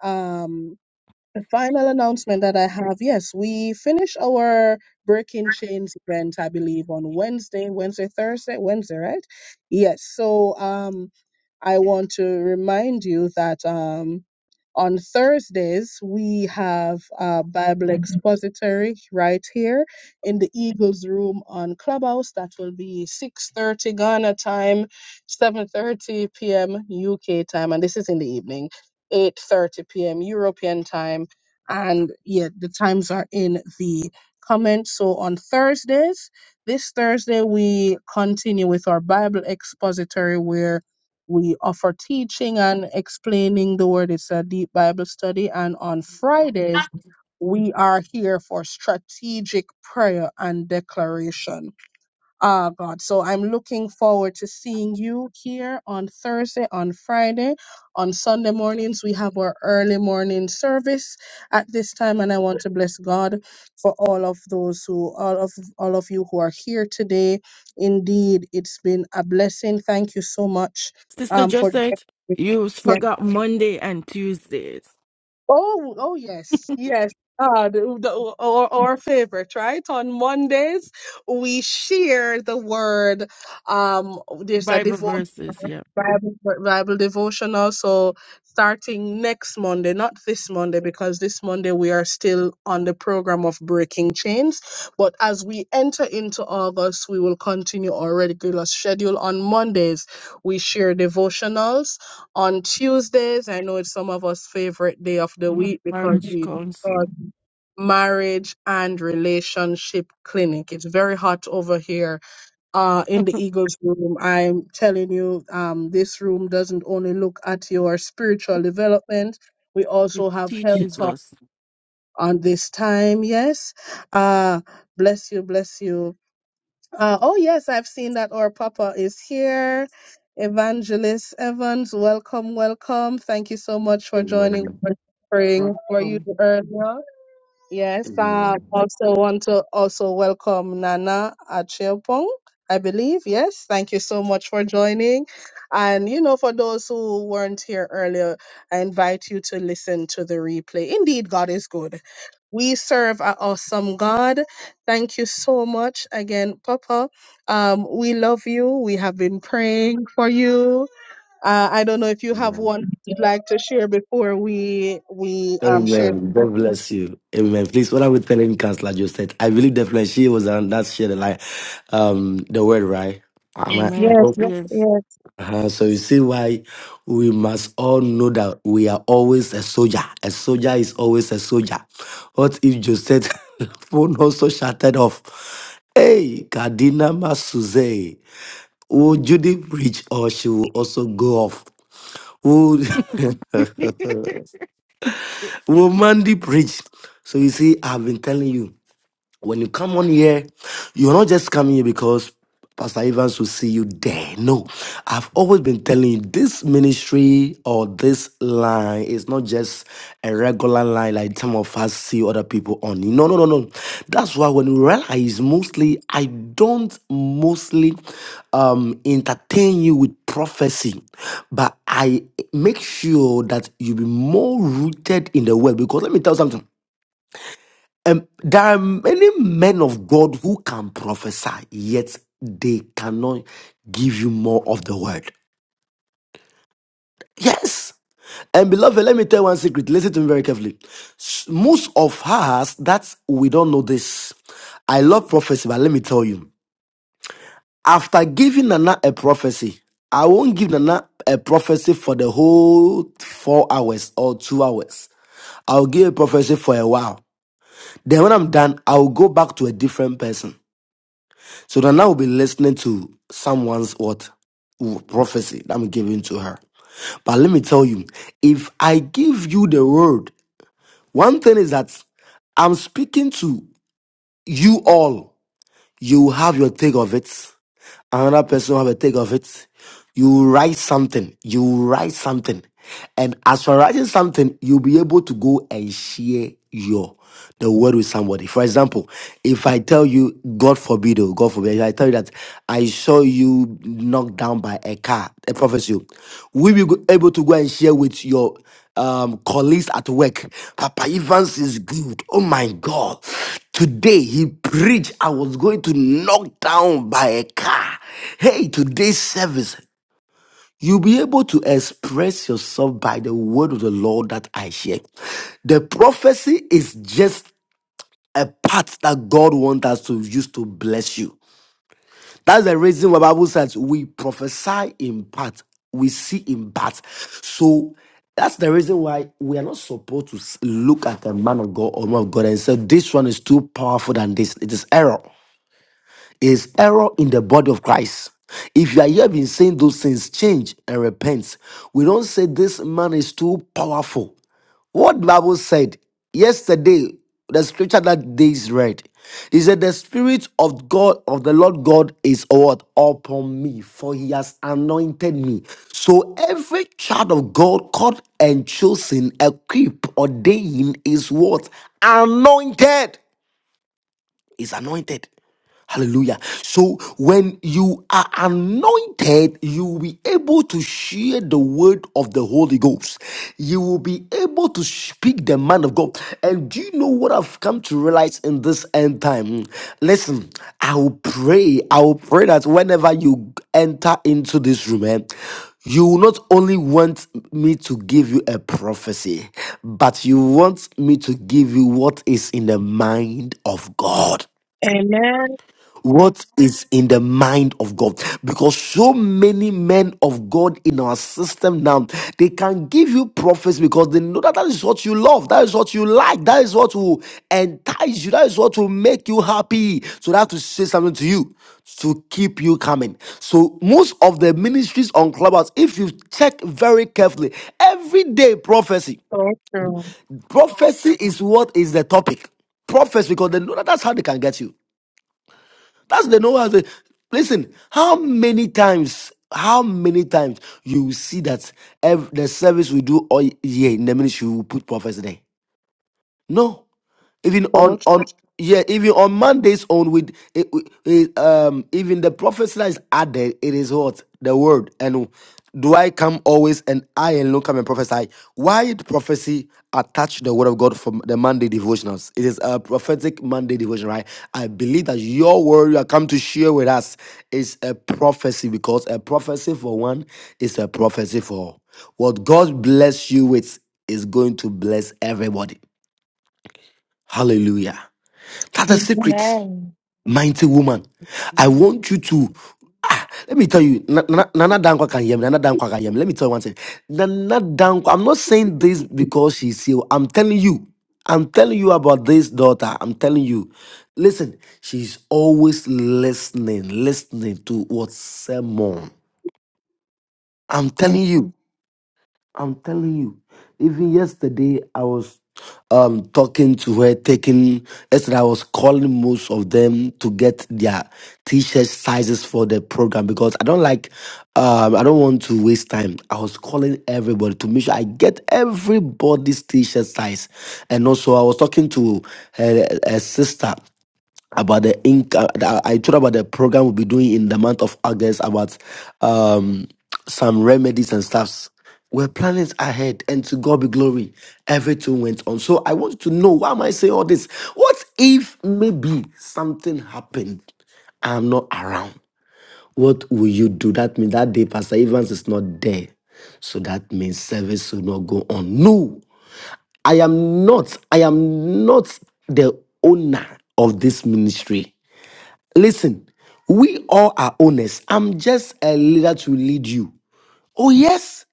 B: Um, the final announcement that I have, yes, we finish our Breaking Chains event, I believe, on Wednesday, Wednesday, Thursday, Wednesday, right? Yes. So um I want to remind you that um on Thursdays we have a
F: Amen.
B: Bible Mhm. expository right here in the Eagles room on Clubhouse. That will be 6:30 Ghana time, 7:30 p.m. UK time, and this is in the evening, 8:30 p.m. European time and yeah, the times are in the comments. So on Thursdays, this Thursday, we continue with our Bible expository where we offer teaching and explaining the word. It's a deep Bible study. And on Fridays, we are here for strategic prayer and declaration. Ah, God. So I'm looking forward to seeing you here on Thursday, on Friday. On Sunday mornings, we have our early morning service at this time. And I want to bless God for all of those who, all of, all of you who are here today. Indeed, it's been a blessing. Thank you so much
C: Sister
B: um, for,
C: Josette, you
B: yes.
C: forgot Monday and Tuesdays.
B: Oh, oh yes, yes. Uh, the, the, our, our favorite, right? On Mondays, we share the word. Um, there's a
C: Bible
B: devotion.
C: verses, yeah.
B: Bible, Bible devotional. So starting next Monday, not this Monday, because this Monday we are still on the program of breaking chains. But as we enter into August, we will continue our regular schedule. On Mondays, we share devotionals. On Tuesdays, I know it's some of us' favorite day of the week because
C: Marriage
B: we start
C: counsel.
B: marriage and relationship clinic. It's very hot over here uh, in the Eagles room. I'm telling you, um, this room doesn't only look at your spiritual development. We
C: It
B: also have health
C: teaches
B: talk
C: us.
B: on this time. Yes. Uh, bless you. Bless you. Uh, oh, yes. I've seen that our Papa is here. Evangelist Evans, welcome, welcome. Thank you so much for joining.
F: Amen.
B: for
C: to
B: praying for you
C: Welcome.
B: earlier. Yes, I
F: Amen.
B: also want to also welcome Nana Achiopong, I believe. Yes, thank you so much for joining. And, you know, for those who weren't here earlier, I invite you to listen to the replay. Indeed, God is good. We serve an awesome God. Thank you so much again, Papa. Um, we love you. We have been praying for you. Uh, I don't know if you have one you'd like to share before we we um share.
F: Amen. God bless you. Amen. Please, what I was telling Counselor Josette, I believe definitely she was on that share the like um the word, right? Am I
A: Yes,
D: Yes,
C: Amen.
F: Yeah.
A: please.
C: Yes.
D: yes.
F: uh-huh. so you see why we must all know that we are always a soldier. A soldier is always a soldier. What if Josette phone also shuttered off? Hey, Kadina Masuze, will Judy preach or she will also go off? Would will Mandy preach? So you see, I've been telling you when you come on here, you're not just coming here because Pastor Evans will see you there. No, I've always been telling you this ministry or this line is not just a regular line like some of us see other people on. No, no, no, no. That's why when you realize mostly, I don't mostly um, entertain you with prophecy, but I make sure that you be more rooted in the word. Because let me tell you something. Um, there are many men of God who can prophesy, yet they cannot give you more of the word. Yes. And beloved, let me tell you one secret. Listen to me very carefully. S- Most of us that we don't know this. I love prophecy, but let me tell you. After giving Nana a prophecy, I won't give Nana a prophecy for the whole four hours or two hours. I'll give a prophecy for a while. Then when I'm done, I'll go back to a different person. So Nana will be listening to someone's what prophecy that I'm giving to her. But let me tell you, if I give you the word, one thing is that I'm speaking to you all. You have your take of it. Another person will have a take of it. You write something. You write something. And as for writing something, you'll be able to go and share your the word with somebody. For example, if I tell you, God forbid, oh, God forbid, if I tell you that I saw you knocked down by a car, a prophecy, will you be able to go and share with your um, colleagues at work? Papa Evans is good. Oh my God. Today he preached, I was going to knock down by a car. Hey, today's service. You'll be able to express yourself by the word of the Lord that I share. The prophecy is just a part that God wants us to use to bless you. That's the reason why the Bible says we prophesy in part, we see in part. So that's the reason why we are not supposed to look at a man of God or woman of God and say, this one is too powerful than this. It is error is error in the body of Christ. If you are here been saying those things, change and repent. We don't say this man is too powerful. What Bible said yesterday, the scripture that they read, he said, The Spirit of God, of the Lord God is what? Upon me, for he has anointed me. So every child of God called and chosen, equipped, ordained is what? Anointed. Is anointed. Hallelujah. So when you are anointed, you will be able to share the word of the Holy Ghost. You will be able to speak the man of God. And do you know what I've come to realize in this end time? Listen, I will pray. I will pray that whenever you enter into this room, eh, you will not only want me to give you a prophecy, but you want me to give you what is in the mind of God
B: Amen.
F: what is in the mind of God. Because so many men of God in our system now, they can give you prophets because they know that that is what you love, that is what you like, that is what will entice you, that is what will make you happy. So that to say something to you to keep you coming. So most of the ministries on Clubhouse, if you check very carefully, every day prophecy.
B: So true.
F: Prophecy is what is the topic. Prophets, because they know that that's how they can get you. That's the no answer. Listen, how many times, how many times you see that every, the service we do all year in the ministry, we put prophets there? No, even
B: So
F: on on
B: true.
F: yeah, even on Monday's own with it, it, um even the prophecy that is added, it is what the word. And do I come always and I alone come and prophesy? Why did prophecy attach the word of God from the Monday devotionals? It is a prophetic Monday devotion, right? I believe that your word you are come to share with us is a prophecy because a prophecy for one is a prophecy for all. What God bless you with is going to bless everybody. Hallelujah. That's a
B: Mhm.
F: secret,
A: Amen.
F: mighty woman. I
C: New
F: want you to. Ah, let me tell you, Na- Na- Nana Dankwa can hear me. Nana Dankwa can hear me. Let me tell you one thing. Nana Dankwa, I'm not saying this because she's ill. I'm telling you. I'm telling you about this daughter. I'm telling you. Listen, she's always listening, listening to what sermon. I'm telling you. I'm telling you, even yesterday I was um talking to her, taking yesterday I was calling most of them to get their t-shirt sizes for the program because I don't like um I don't want to waste time. I was calling everybody to make sure I get everybody's t-shirt size. And also I was talking to her, her sister about the ink uh, i told about the program we'll be doing in the month of august about um some remedies and stuffs we're planning ahead and to god be glory everything went on so i want to know why am i saying all this what if maybe something happened i'm not around what will you do that means that day pastor evans is not there so that means service will not go on no i am not i am not the owner of this ministry Listen, we all are owners. I'm just a leader to lead you. Oh, yes.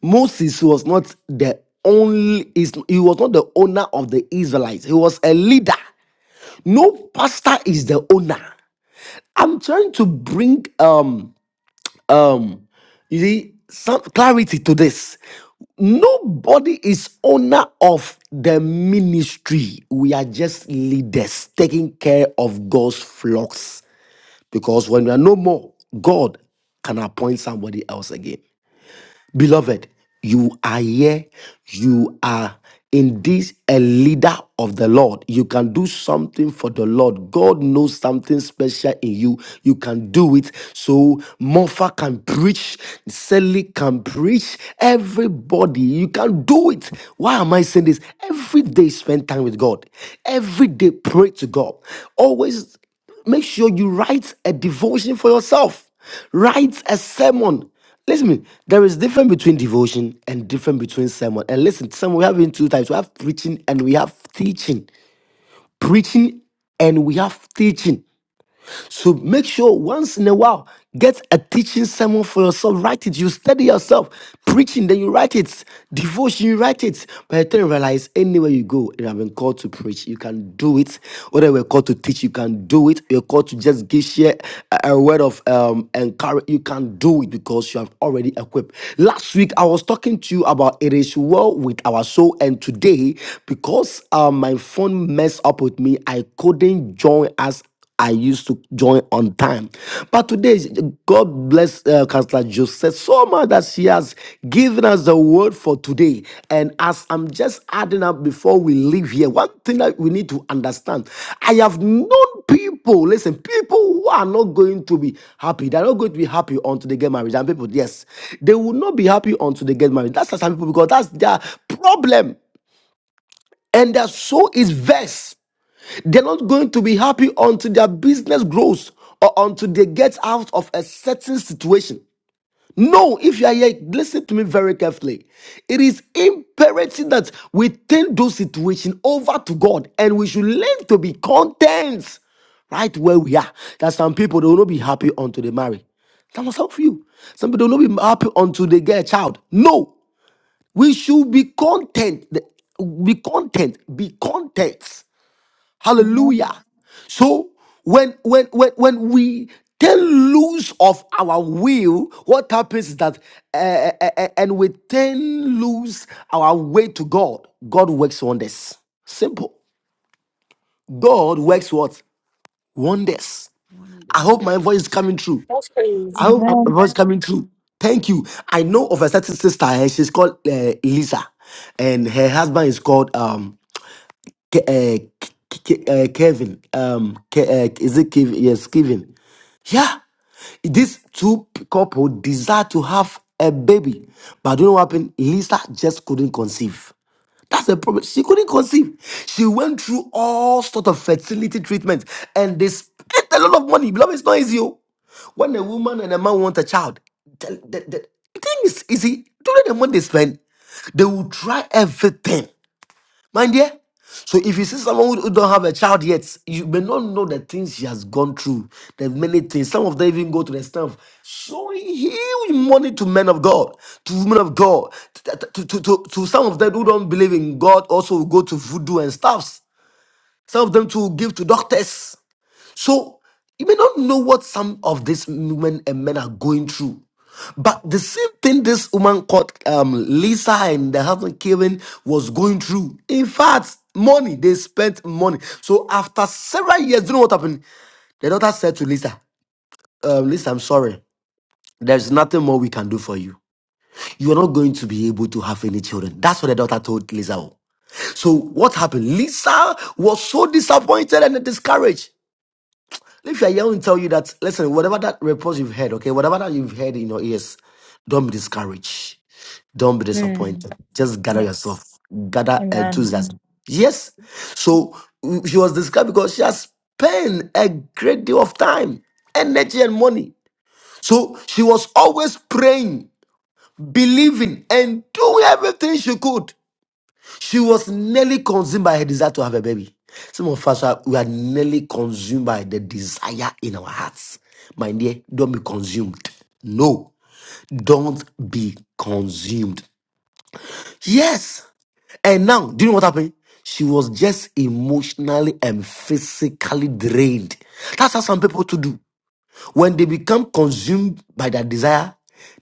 F: Moses was not the only, is- he was not the owner of the Israelites. He was a leader. No pastor is the owner. I'm trying to bring um you see some clarity to this. Nobody is owner of the ministry. We are just leaders taking care of God's flocks. Because when we are no more, God can appoint somebody else again. Beloved, you are here. You are indeed a leader of the Lord. You can do something for the Lord. God knows something special in you. You can do it. So Mofa can preach, Sally can preach, everybody. You can do it. Why am I saying this? Every day spend time with God. Every day pray to God. Always Make sure you write a devotion for yourself. Write a sermon. Listen, to me, there is difference between devotion and difference between sermon. And listen, sermon we have in two types. We have preaching and we have teaching. Preaching and we have teaching. So make sure once in a while, get a teaching sermon for yourself. Write it. You study yourself. Preaching, then you write it. Devotion, you write it. By the time you realize anywhere you go, you have been called to preach. You can do it. Whether we're called to teach, you can do it. You're called to just give share a, a word of um encourage. You can do it because you have already equipped. Last week I was talking to you about it is well with our soul, and today because uh, my phone messed up with me, I couldn't join us I used to join on time. But today, God bless uh, Counselor Joseph so much that she has given us the word for today. And as I'm just adding up before we leave here, one thing that we need to understand I have known people, listen, people who are not going to be happy. They're not going to be happy until they get married. And people, yes, they will not be happy until they get married. That's some people because that's their problem. And their soul is vexed. They're not going to be happy until their business grows or until they get out of a certain situation. No, if you are here, listen to me very carefully. It is imperative that we turn those situations over to God and we should learn to be content right where we are. That some people they will not be happy until they marry. That must help you. Some people they will not be happy until they get a child. No, we should be content. Be content. Be content.
D: Amen.
F: Hallelujah. So when when when when we turn loose of our will, what happens is that uh, uh, uh, uh, and we turn loose our way to God. God works wonders. Simple. God works what wonders. I
C: wonders.
F: hope my voice is coming through.
A: Yes,
C: Let
F: I
C: me
A: please.
F: hope
C: hear
F: my
D: Amen.
C: you
F: voice is coming
C: before
F: through. Thank you. I know of a certain sister. eh, She's called uh, Lisa, and her husband is called um Ke- uh, K- K- uh, Kevin. Um, Ke- uh, is it Kevin? Yes, Kevin. Yeah, these two couple desire to have a baby, but do not know what happened? Lisa just couldn't conceive. That's the problem. She couldn't conceive. She went through all sort of fertility treatments, and they spent a lot of money. Beloved, it's not easy. oh. When a woman and a man want a child, the, the, the thing is easy. During the money they spend, they will try everything. My dear. So if you see someone who, who don't have a child yet, you may not know the things she has gone through. There's many things. Some of them even go to the stuff showing huge money to men of God, to women of God, to, to, to, to- to some of them who don't believe in God also will go to voodoo and stuffs. Some of them to give to doctors. So you may not know what some of these women and men are going through. But the same thing this woman called um, Lisa and the husband Kevin was going through. In fact, money, they spent money. So after several years, do you know what happened? The daughter said to Lisa, um, Lisa, I'm sorry. There's nothing more we can do for you. You are not going to be able to have any children. That's what the daughter told Lisa. So what happened? Lisa was so disappointed and discouraged. If you're young, and tell you that, listen, whatever that report you've heard, okay, whatever that you've heard in your ears, don't be discouraged. Don't be
A: Mm.
F: disappointed. Just gather
A: Yes.
F: yourself. Gather
A: Amen.
F: enthusiasm. Yes. So mm, she was discouraged because she has spent a great deal of time, energy, and money. So she was always praying, believing, and doing everything she could. She was nearly consumed by her desire to have a baby. Some of us are we are nearly consumed by the desire in our hearts. My dear, don't be consumed. No, don't be consumed. Yes. And now, do you know what happened? She was just emotionally and physically drained. That's how some people to do. When they become consumed by their desire,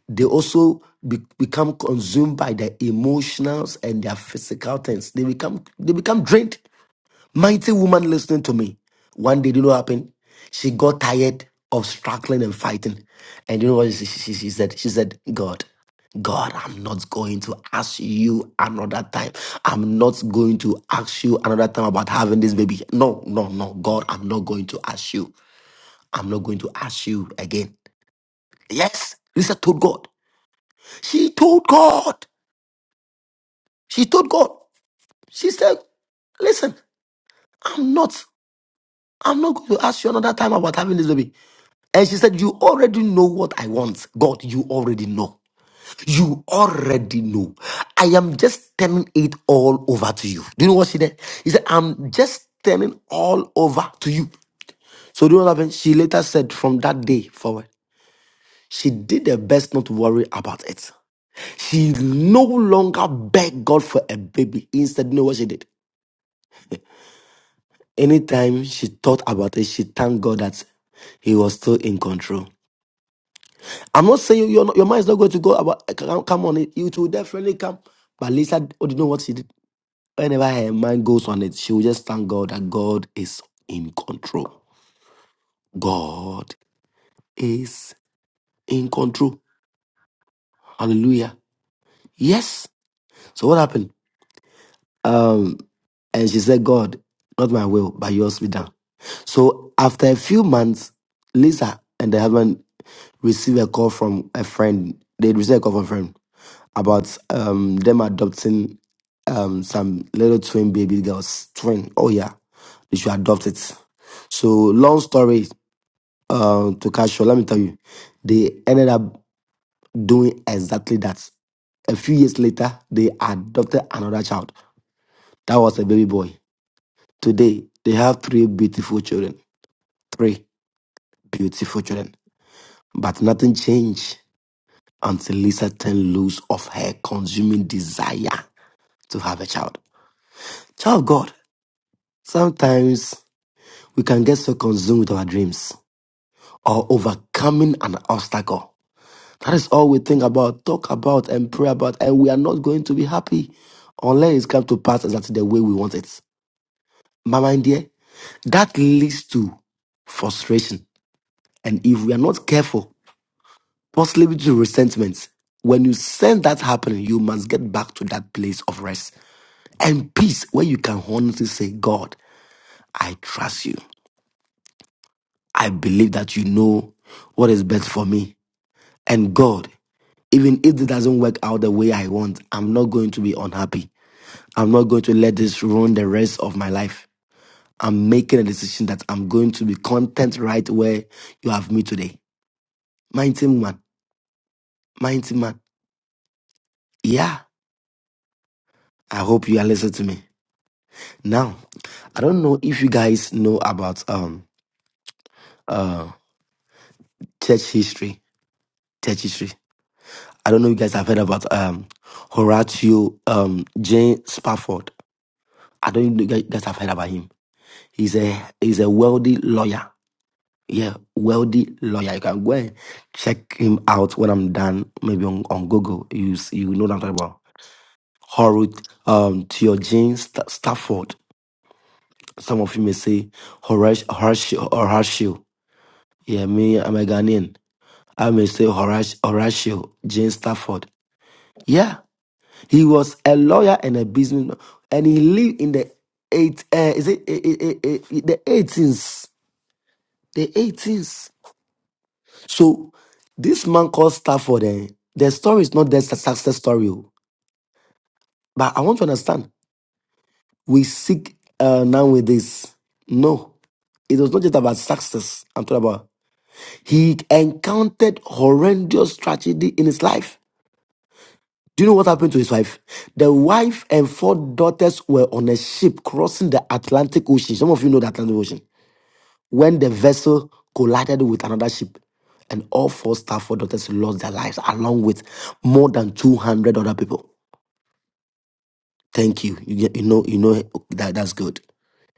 F: they also be- become consumed by their emotions and their physical things. They become they become drained. Mighty woman listening to me. One day, do you know what happened? She got tired of struggling and fighting. And you know what she, she, she said? She said, God, God, I'm not going to ask you another time. I'm not going to ask you another time about having this baby. No, no, no. God, I'm not going to ask you. I'm not going to ask you again. Yes, Lisa told God. She told God. She told God. She said, Listen, I'm not, I'm not going to ask you another time about having this baby. And she said, You already know what I want. God, you already know. You already know. I am just turning it all over to you. Do you know what she did? He said, I'm just turning all over to you. So, do you know what happened? She later said, From that day forward, she did her best not to worry about it. She no longer begged God for a baby. Instead, you know what she did? Anytime she thought about it, she thanked God that He was still in control. I'm not saying your your mind is not going to go about eh, come, come on it. It will definitely come. But Lisa, oh, do you know what she did? Whenever her mind goes on it, she will just thank God that God is in control. God is in control. Hallelujah. Yes. So what happened? Um, and she said, God, not my will, but yours be done. So after a few months, Lisa and the husband received a call from a friend. They received a call from a friend about um them adopting um some little twin baby girls. Twin. Oh yeah. They should adopt it. So long story uh to catch short, let me tell you, they ended up doing exactly that. A few years later, they adopted another child. That was a baby boy. Today they have three beautiful children. Three beautiful children. But nothing changed until Lisa turned loose of her consuming desire to have a child. Child of God. Sometimes we can get so consumed with our dreams or overcoming an obstacle. That is all we think about, talk about, and pray about, and we are not going to be happy unless it comes to pass exactly the way we want it. My mind, dear, that leads to frustration. And if we are not careful, possibly to resentment. When you sense that happening, you must get back to that place of rest and peace where you can honestly say, God, I trust you. I believe that you know what is best for me. And God, even if it doesn't work out the way I want, I'm not going to be unhappy. I'm not going to let this ruin the rest of my life. I'm making a decision that I'm going to be content right where you have me today. Mighty man, mighty man. Yeah, I hope you are listening to me. Now, I don't know if you guys know about um uh church history. Church history. I don't know if you guys have heard about um, Horatio um, Jane Spafford. I don't know if you guys have heard about him. He's a he's a wealthy lawyer. Yeah, wealthy lawyer. You can go and check him out when I'm done, maybe on, on Google. You s- you know what I'm talking about. Horut um, Tio Jane Sta Stafford. Some of you may say Horatio, Horatio, Horatio. Yeah, me, I'm a Ghanaian. I may say Horatio, Horatio Jane Stafford. Yeah. He was a lawyer and a businessman, and he lived in the eight. Uh, is it eh, eh, eh, eh, eh, the eighteens? The eighteens. So this man called Stafford. Eh, the story is not the success story, oh. but I want to understand. We seek uh, now with this. No, it was not just about success. I'm talking about he encountered horrendous tragedy in his life. Do you know what happened to his wife? The wife and four daughters were on a ship crossing the Atlantic Ocean. Some of you know the Atlantic Ocean. When the vessel collided with another ship, and all four Stafford daughters lost their lives, along with more than 200 other people. Thank you. You, get, you know, you know that that's good.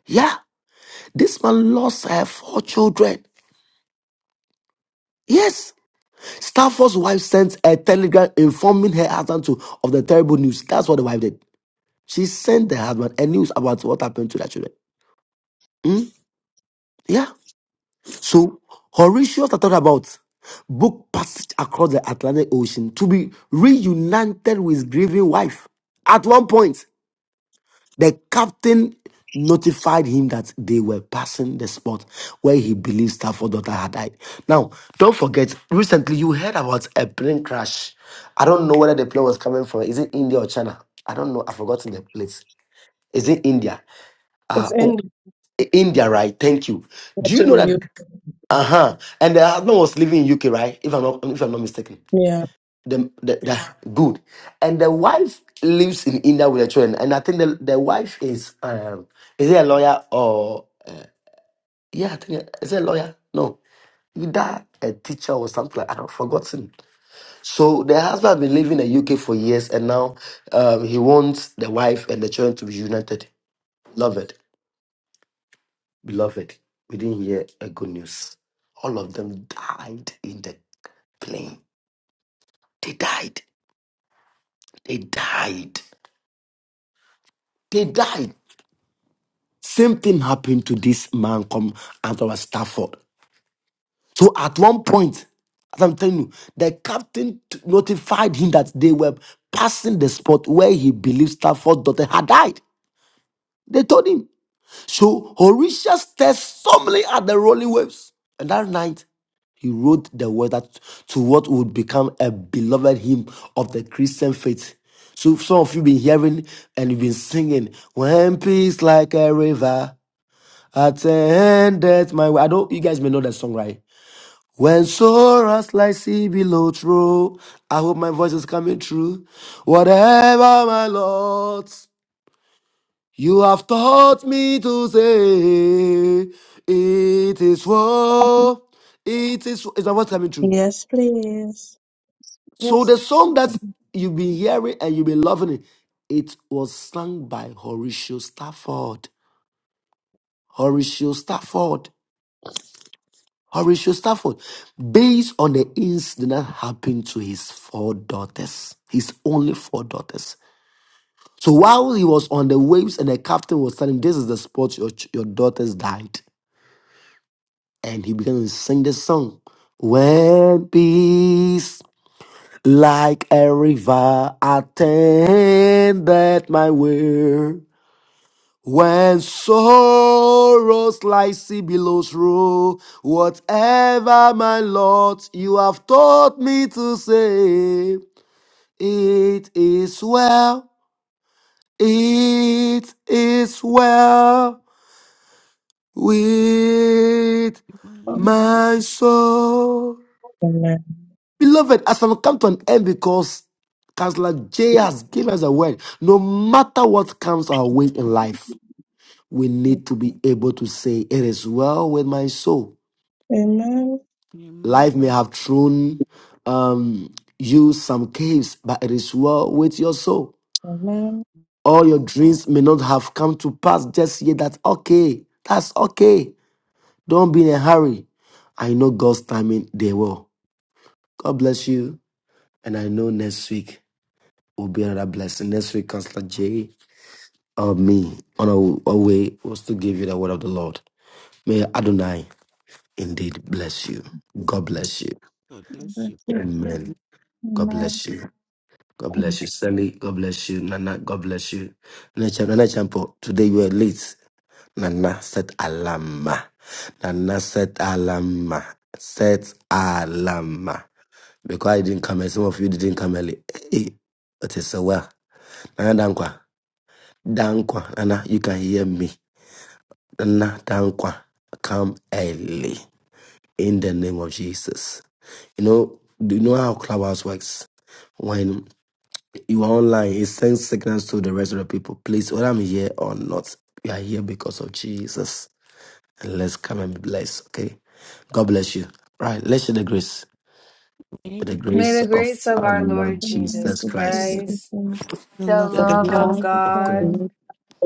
F: Yeah, this man lost her four children. Yes, Stafford's wife sent a telegram informing her husband to, of the terrible news. That's what the wife did. She sent the husband a news about what happened to their children. Hmm. yeah. So Horatius I talked about book passage across the Atlantic Ocean to be reunited with his grieving wife. At one point, the captain notified him that they were passing the spot where he believed Stafford's daughter had died. Now, don't forget, recently you heard about a plane crash. I don't know whether the plane was coming from, is it India or China? I don't know. I've forgotten the place. Is it India?
B: It's
F: Uh,
B: in
F: oh, India, right? Thank you.
B: the
F: Do you
B: to
F: know
B: the you.
F: that? Uh-huh. And the husband was living in UK, right? If I'm not if I'm not mistaken.
B: Yeah.
F: The, the, the good. And the wife lives in India with the children. And I think the, the wife is um is it a lawyer or yeah, I think is it a lawyer? No. Either a teacher or something like i not forgotten. So the husband has been living in the UK for years and now um he wants the wife and the children to be united. Beloved, beloved, we didn't hear a good news. All of them died in the plane They died. They died. They died. Same thing happened to this man come out of Stafford. So at one point, as I'm telling you, the captain t- notified him that they were passing the spot where he believed Stafford's daughter had died. They told him. So Horatius stared solemnly at the rolling waves. And that night, he wrote the word that to what would become a beloved hymn of the Christian faith. So some of you been hearing and you've been singing, "When peace like a river attendeth my way." I don't. You guys may know that song, right? When sorrows like sea below through, I hope my voice is coming through. Whatever my lot. You have taught me to say, It is war. It is. Is that what's coming true?
B: Yes, please.
F: So
D: Yes.
F: the song
D: Amen.
F: that you've been hearing and you've been loving it, it was sung by Horatio Stafford. Horatio Stafford. Horatio Stafford, based on the incident that happened to his four daughters, his only four daughters. So while he was on the waves and the captain was telling him, This is the spot your, ch- your daughters died. and he began to sing this song. When peace like a river attended my way, when sorrows like sea billows roll, whatever my lot you have taught me to say, it is well, it is well with
C: you
B: Amen.
C: rise.
F: my soul.
B: Amen.
F: Beloved, as I've come to an end because Counselor J has given us a word, no matter what comes our way in life, we need to be able to say, It is well with my soul.
B: Amen.
F: Life
C: Amen.
F: may have thrown um, you some caves, but it is well with your soul.
B: Amen.
F: All your dreams may not have come to pass just yet. That's okay. That's okay. Don't be in a hurry. I know God's timing, they will. God bless you. And I know next week. will be another blessing. Next week, Counselor Jay or me on our, our way was to give you the word of the Lord. May Adonai indeed bless you. God bless you.
C: God bless
D: Amen.
C: you.
D: Amen.
F: Amen. God
D: Amen.
F: bless you. God
B: Thank
F: bless
B: you
F: you, Sally. God bless you, Nana. God bless you. Nana Champ- Nana Champo, today you are late. Nana set alama. Nana set alama. Set alama. Because I didn't come and some of you didn't come early. Hey, it is so. well. Nana Dankwa. Dankwa, Anna, you can hear me. Anna, Dankwa, come early in the name of Jesus. You know, do you know how Clubhouse works? When you are online, it sends signals to the rest of the people. Please, whether I'm here or not, you are here because of Jesus. And let's come and be blessed, okay? God bless you. Right, let's share the grace.
C: May
F: With the
C: the
A: May
F: grace
C: grace,
A: the
F: of
A: grace of
F: our
A: our
F: Lord
A: Lord Jesus
F: Jesus
D: Good
C: of
D: people,
F: Christ,
D: good
A: Christ,
D: things.
C: the
A: the
C: love
F: the
B: for
C: of
D: And we
G: the
A: love
F: love
A: of
G: love
D: come to
F: of
D: Father,
F: God,
A: God,
G: faith,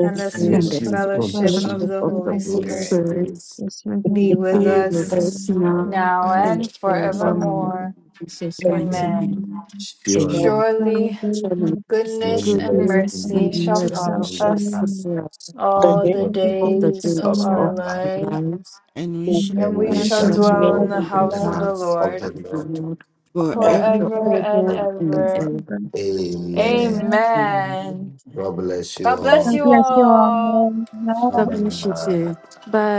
A: and
C: the
A: the
F: and
B: week.
C: Spirit
F: the
G: and
A: sweet
D: faithful
G: the
F: sweet
D: from the
G: sweet
D: Father,
A: fellowship
C: of
F: fellowship
A: of
G: fellowship
D: and
A: the
G: of
C: Christ
G: the
A: Holy
D: faithful
G: Holy
D: to us.
A: Spirit
G: Spirit
D: This
C: be
A: be
B: Thank
D: remain
C: with
D: by
A: with
G: be
D: the Father,
G: with
A: us
G: us
D: and the Father,
G: now
A: now
D: and
G: and
A: and
F: of the
D: Jesus
G: forevermore. In
F: Father.
D: Christ.
A: forevermore.
G: Jesus'
B: you
G: mighty
C: you
G: name.
A: Amen.
D: Amen.
B: for
G: Amen.
D: Father,
A: Surely
D: very
G: Surely
C: and
D: good,
C: rest and
A: goodness
C: share
G: good
A: and
C: with
G: news
D: and
G: and
A: mercy
D: then
A: shall
D: to
G: mercy
D: God,
A: follow
G: shall
A: us
D: Amen.
G: follow us
C: all
A: all
C: the
B: the
A: the
D: All the
C: of
G: all the
D: days
A: days
D: of our
A: of
G: days
A: our
G: of
D: life,
G: our
A: life,
G: lives.
C: and we
D: and
C: shall
D: we
A: and we
D: pray
G: We
A: shall
G: shall
D: in the
G: dwell
A: dwell in
G: in
D: love
A: the
D: of the
G: the
A: house
D: Lord,
A: of
G: house
A: the Lord
G: of the Lord
D: for
B: day.
D: in
C: forever.
A: forever
D: her
A: and
G: forever and
A: ever.
G: ever.
F: Amen.
D: Amen.
G: Amen.
A: Amen. God bless
D: God
A: you
D: bless you all.
A: all.
D: Bye.
G: God bless you. too. Bye.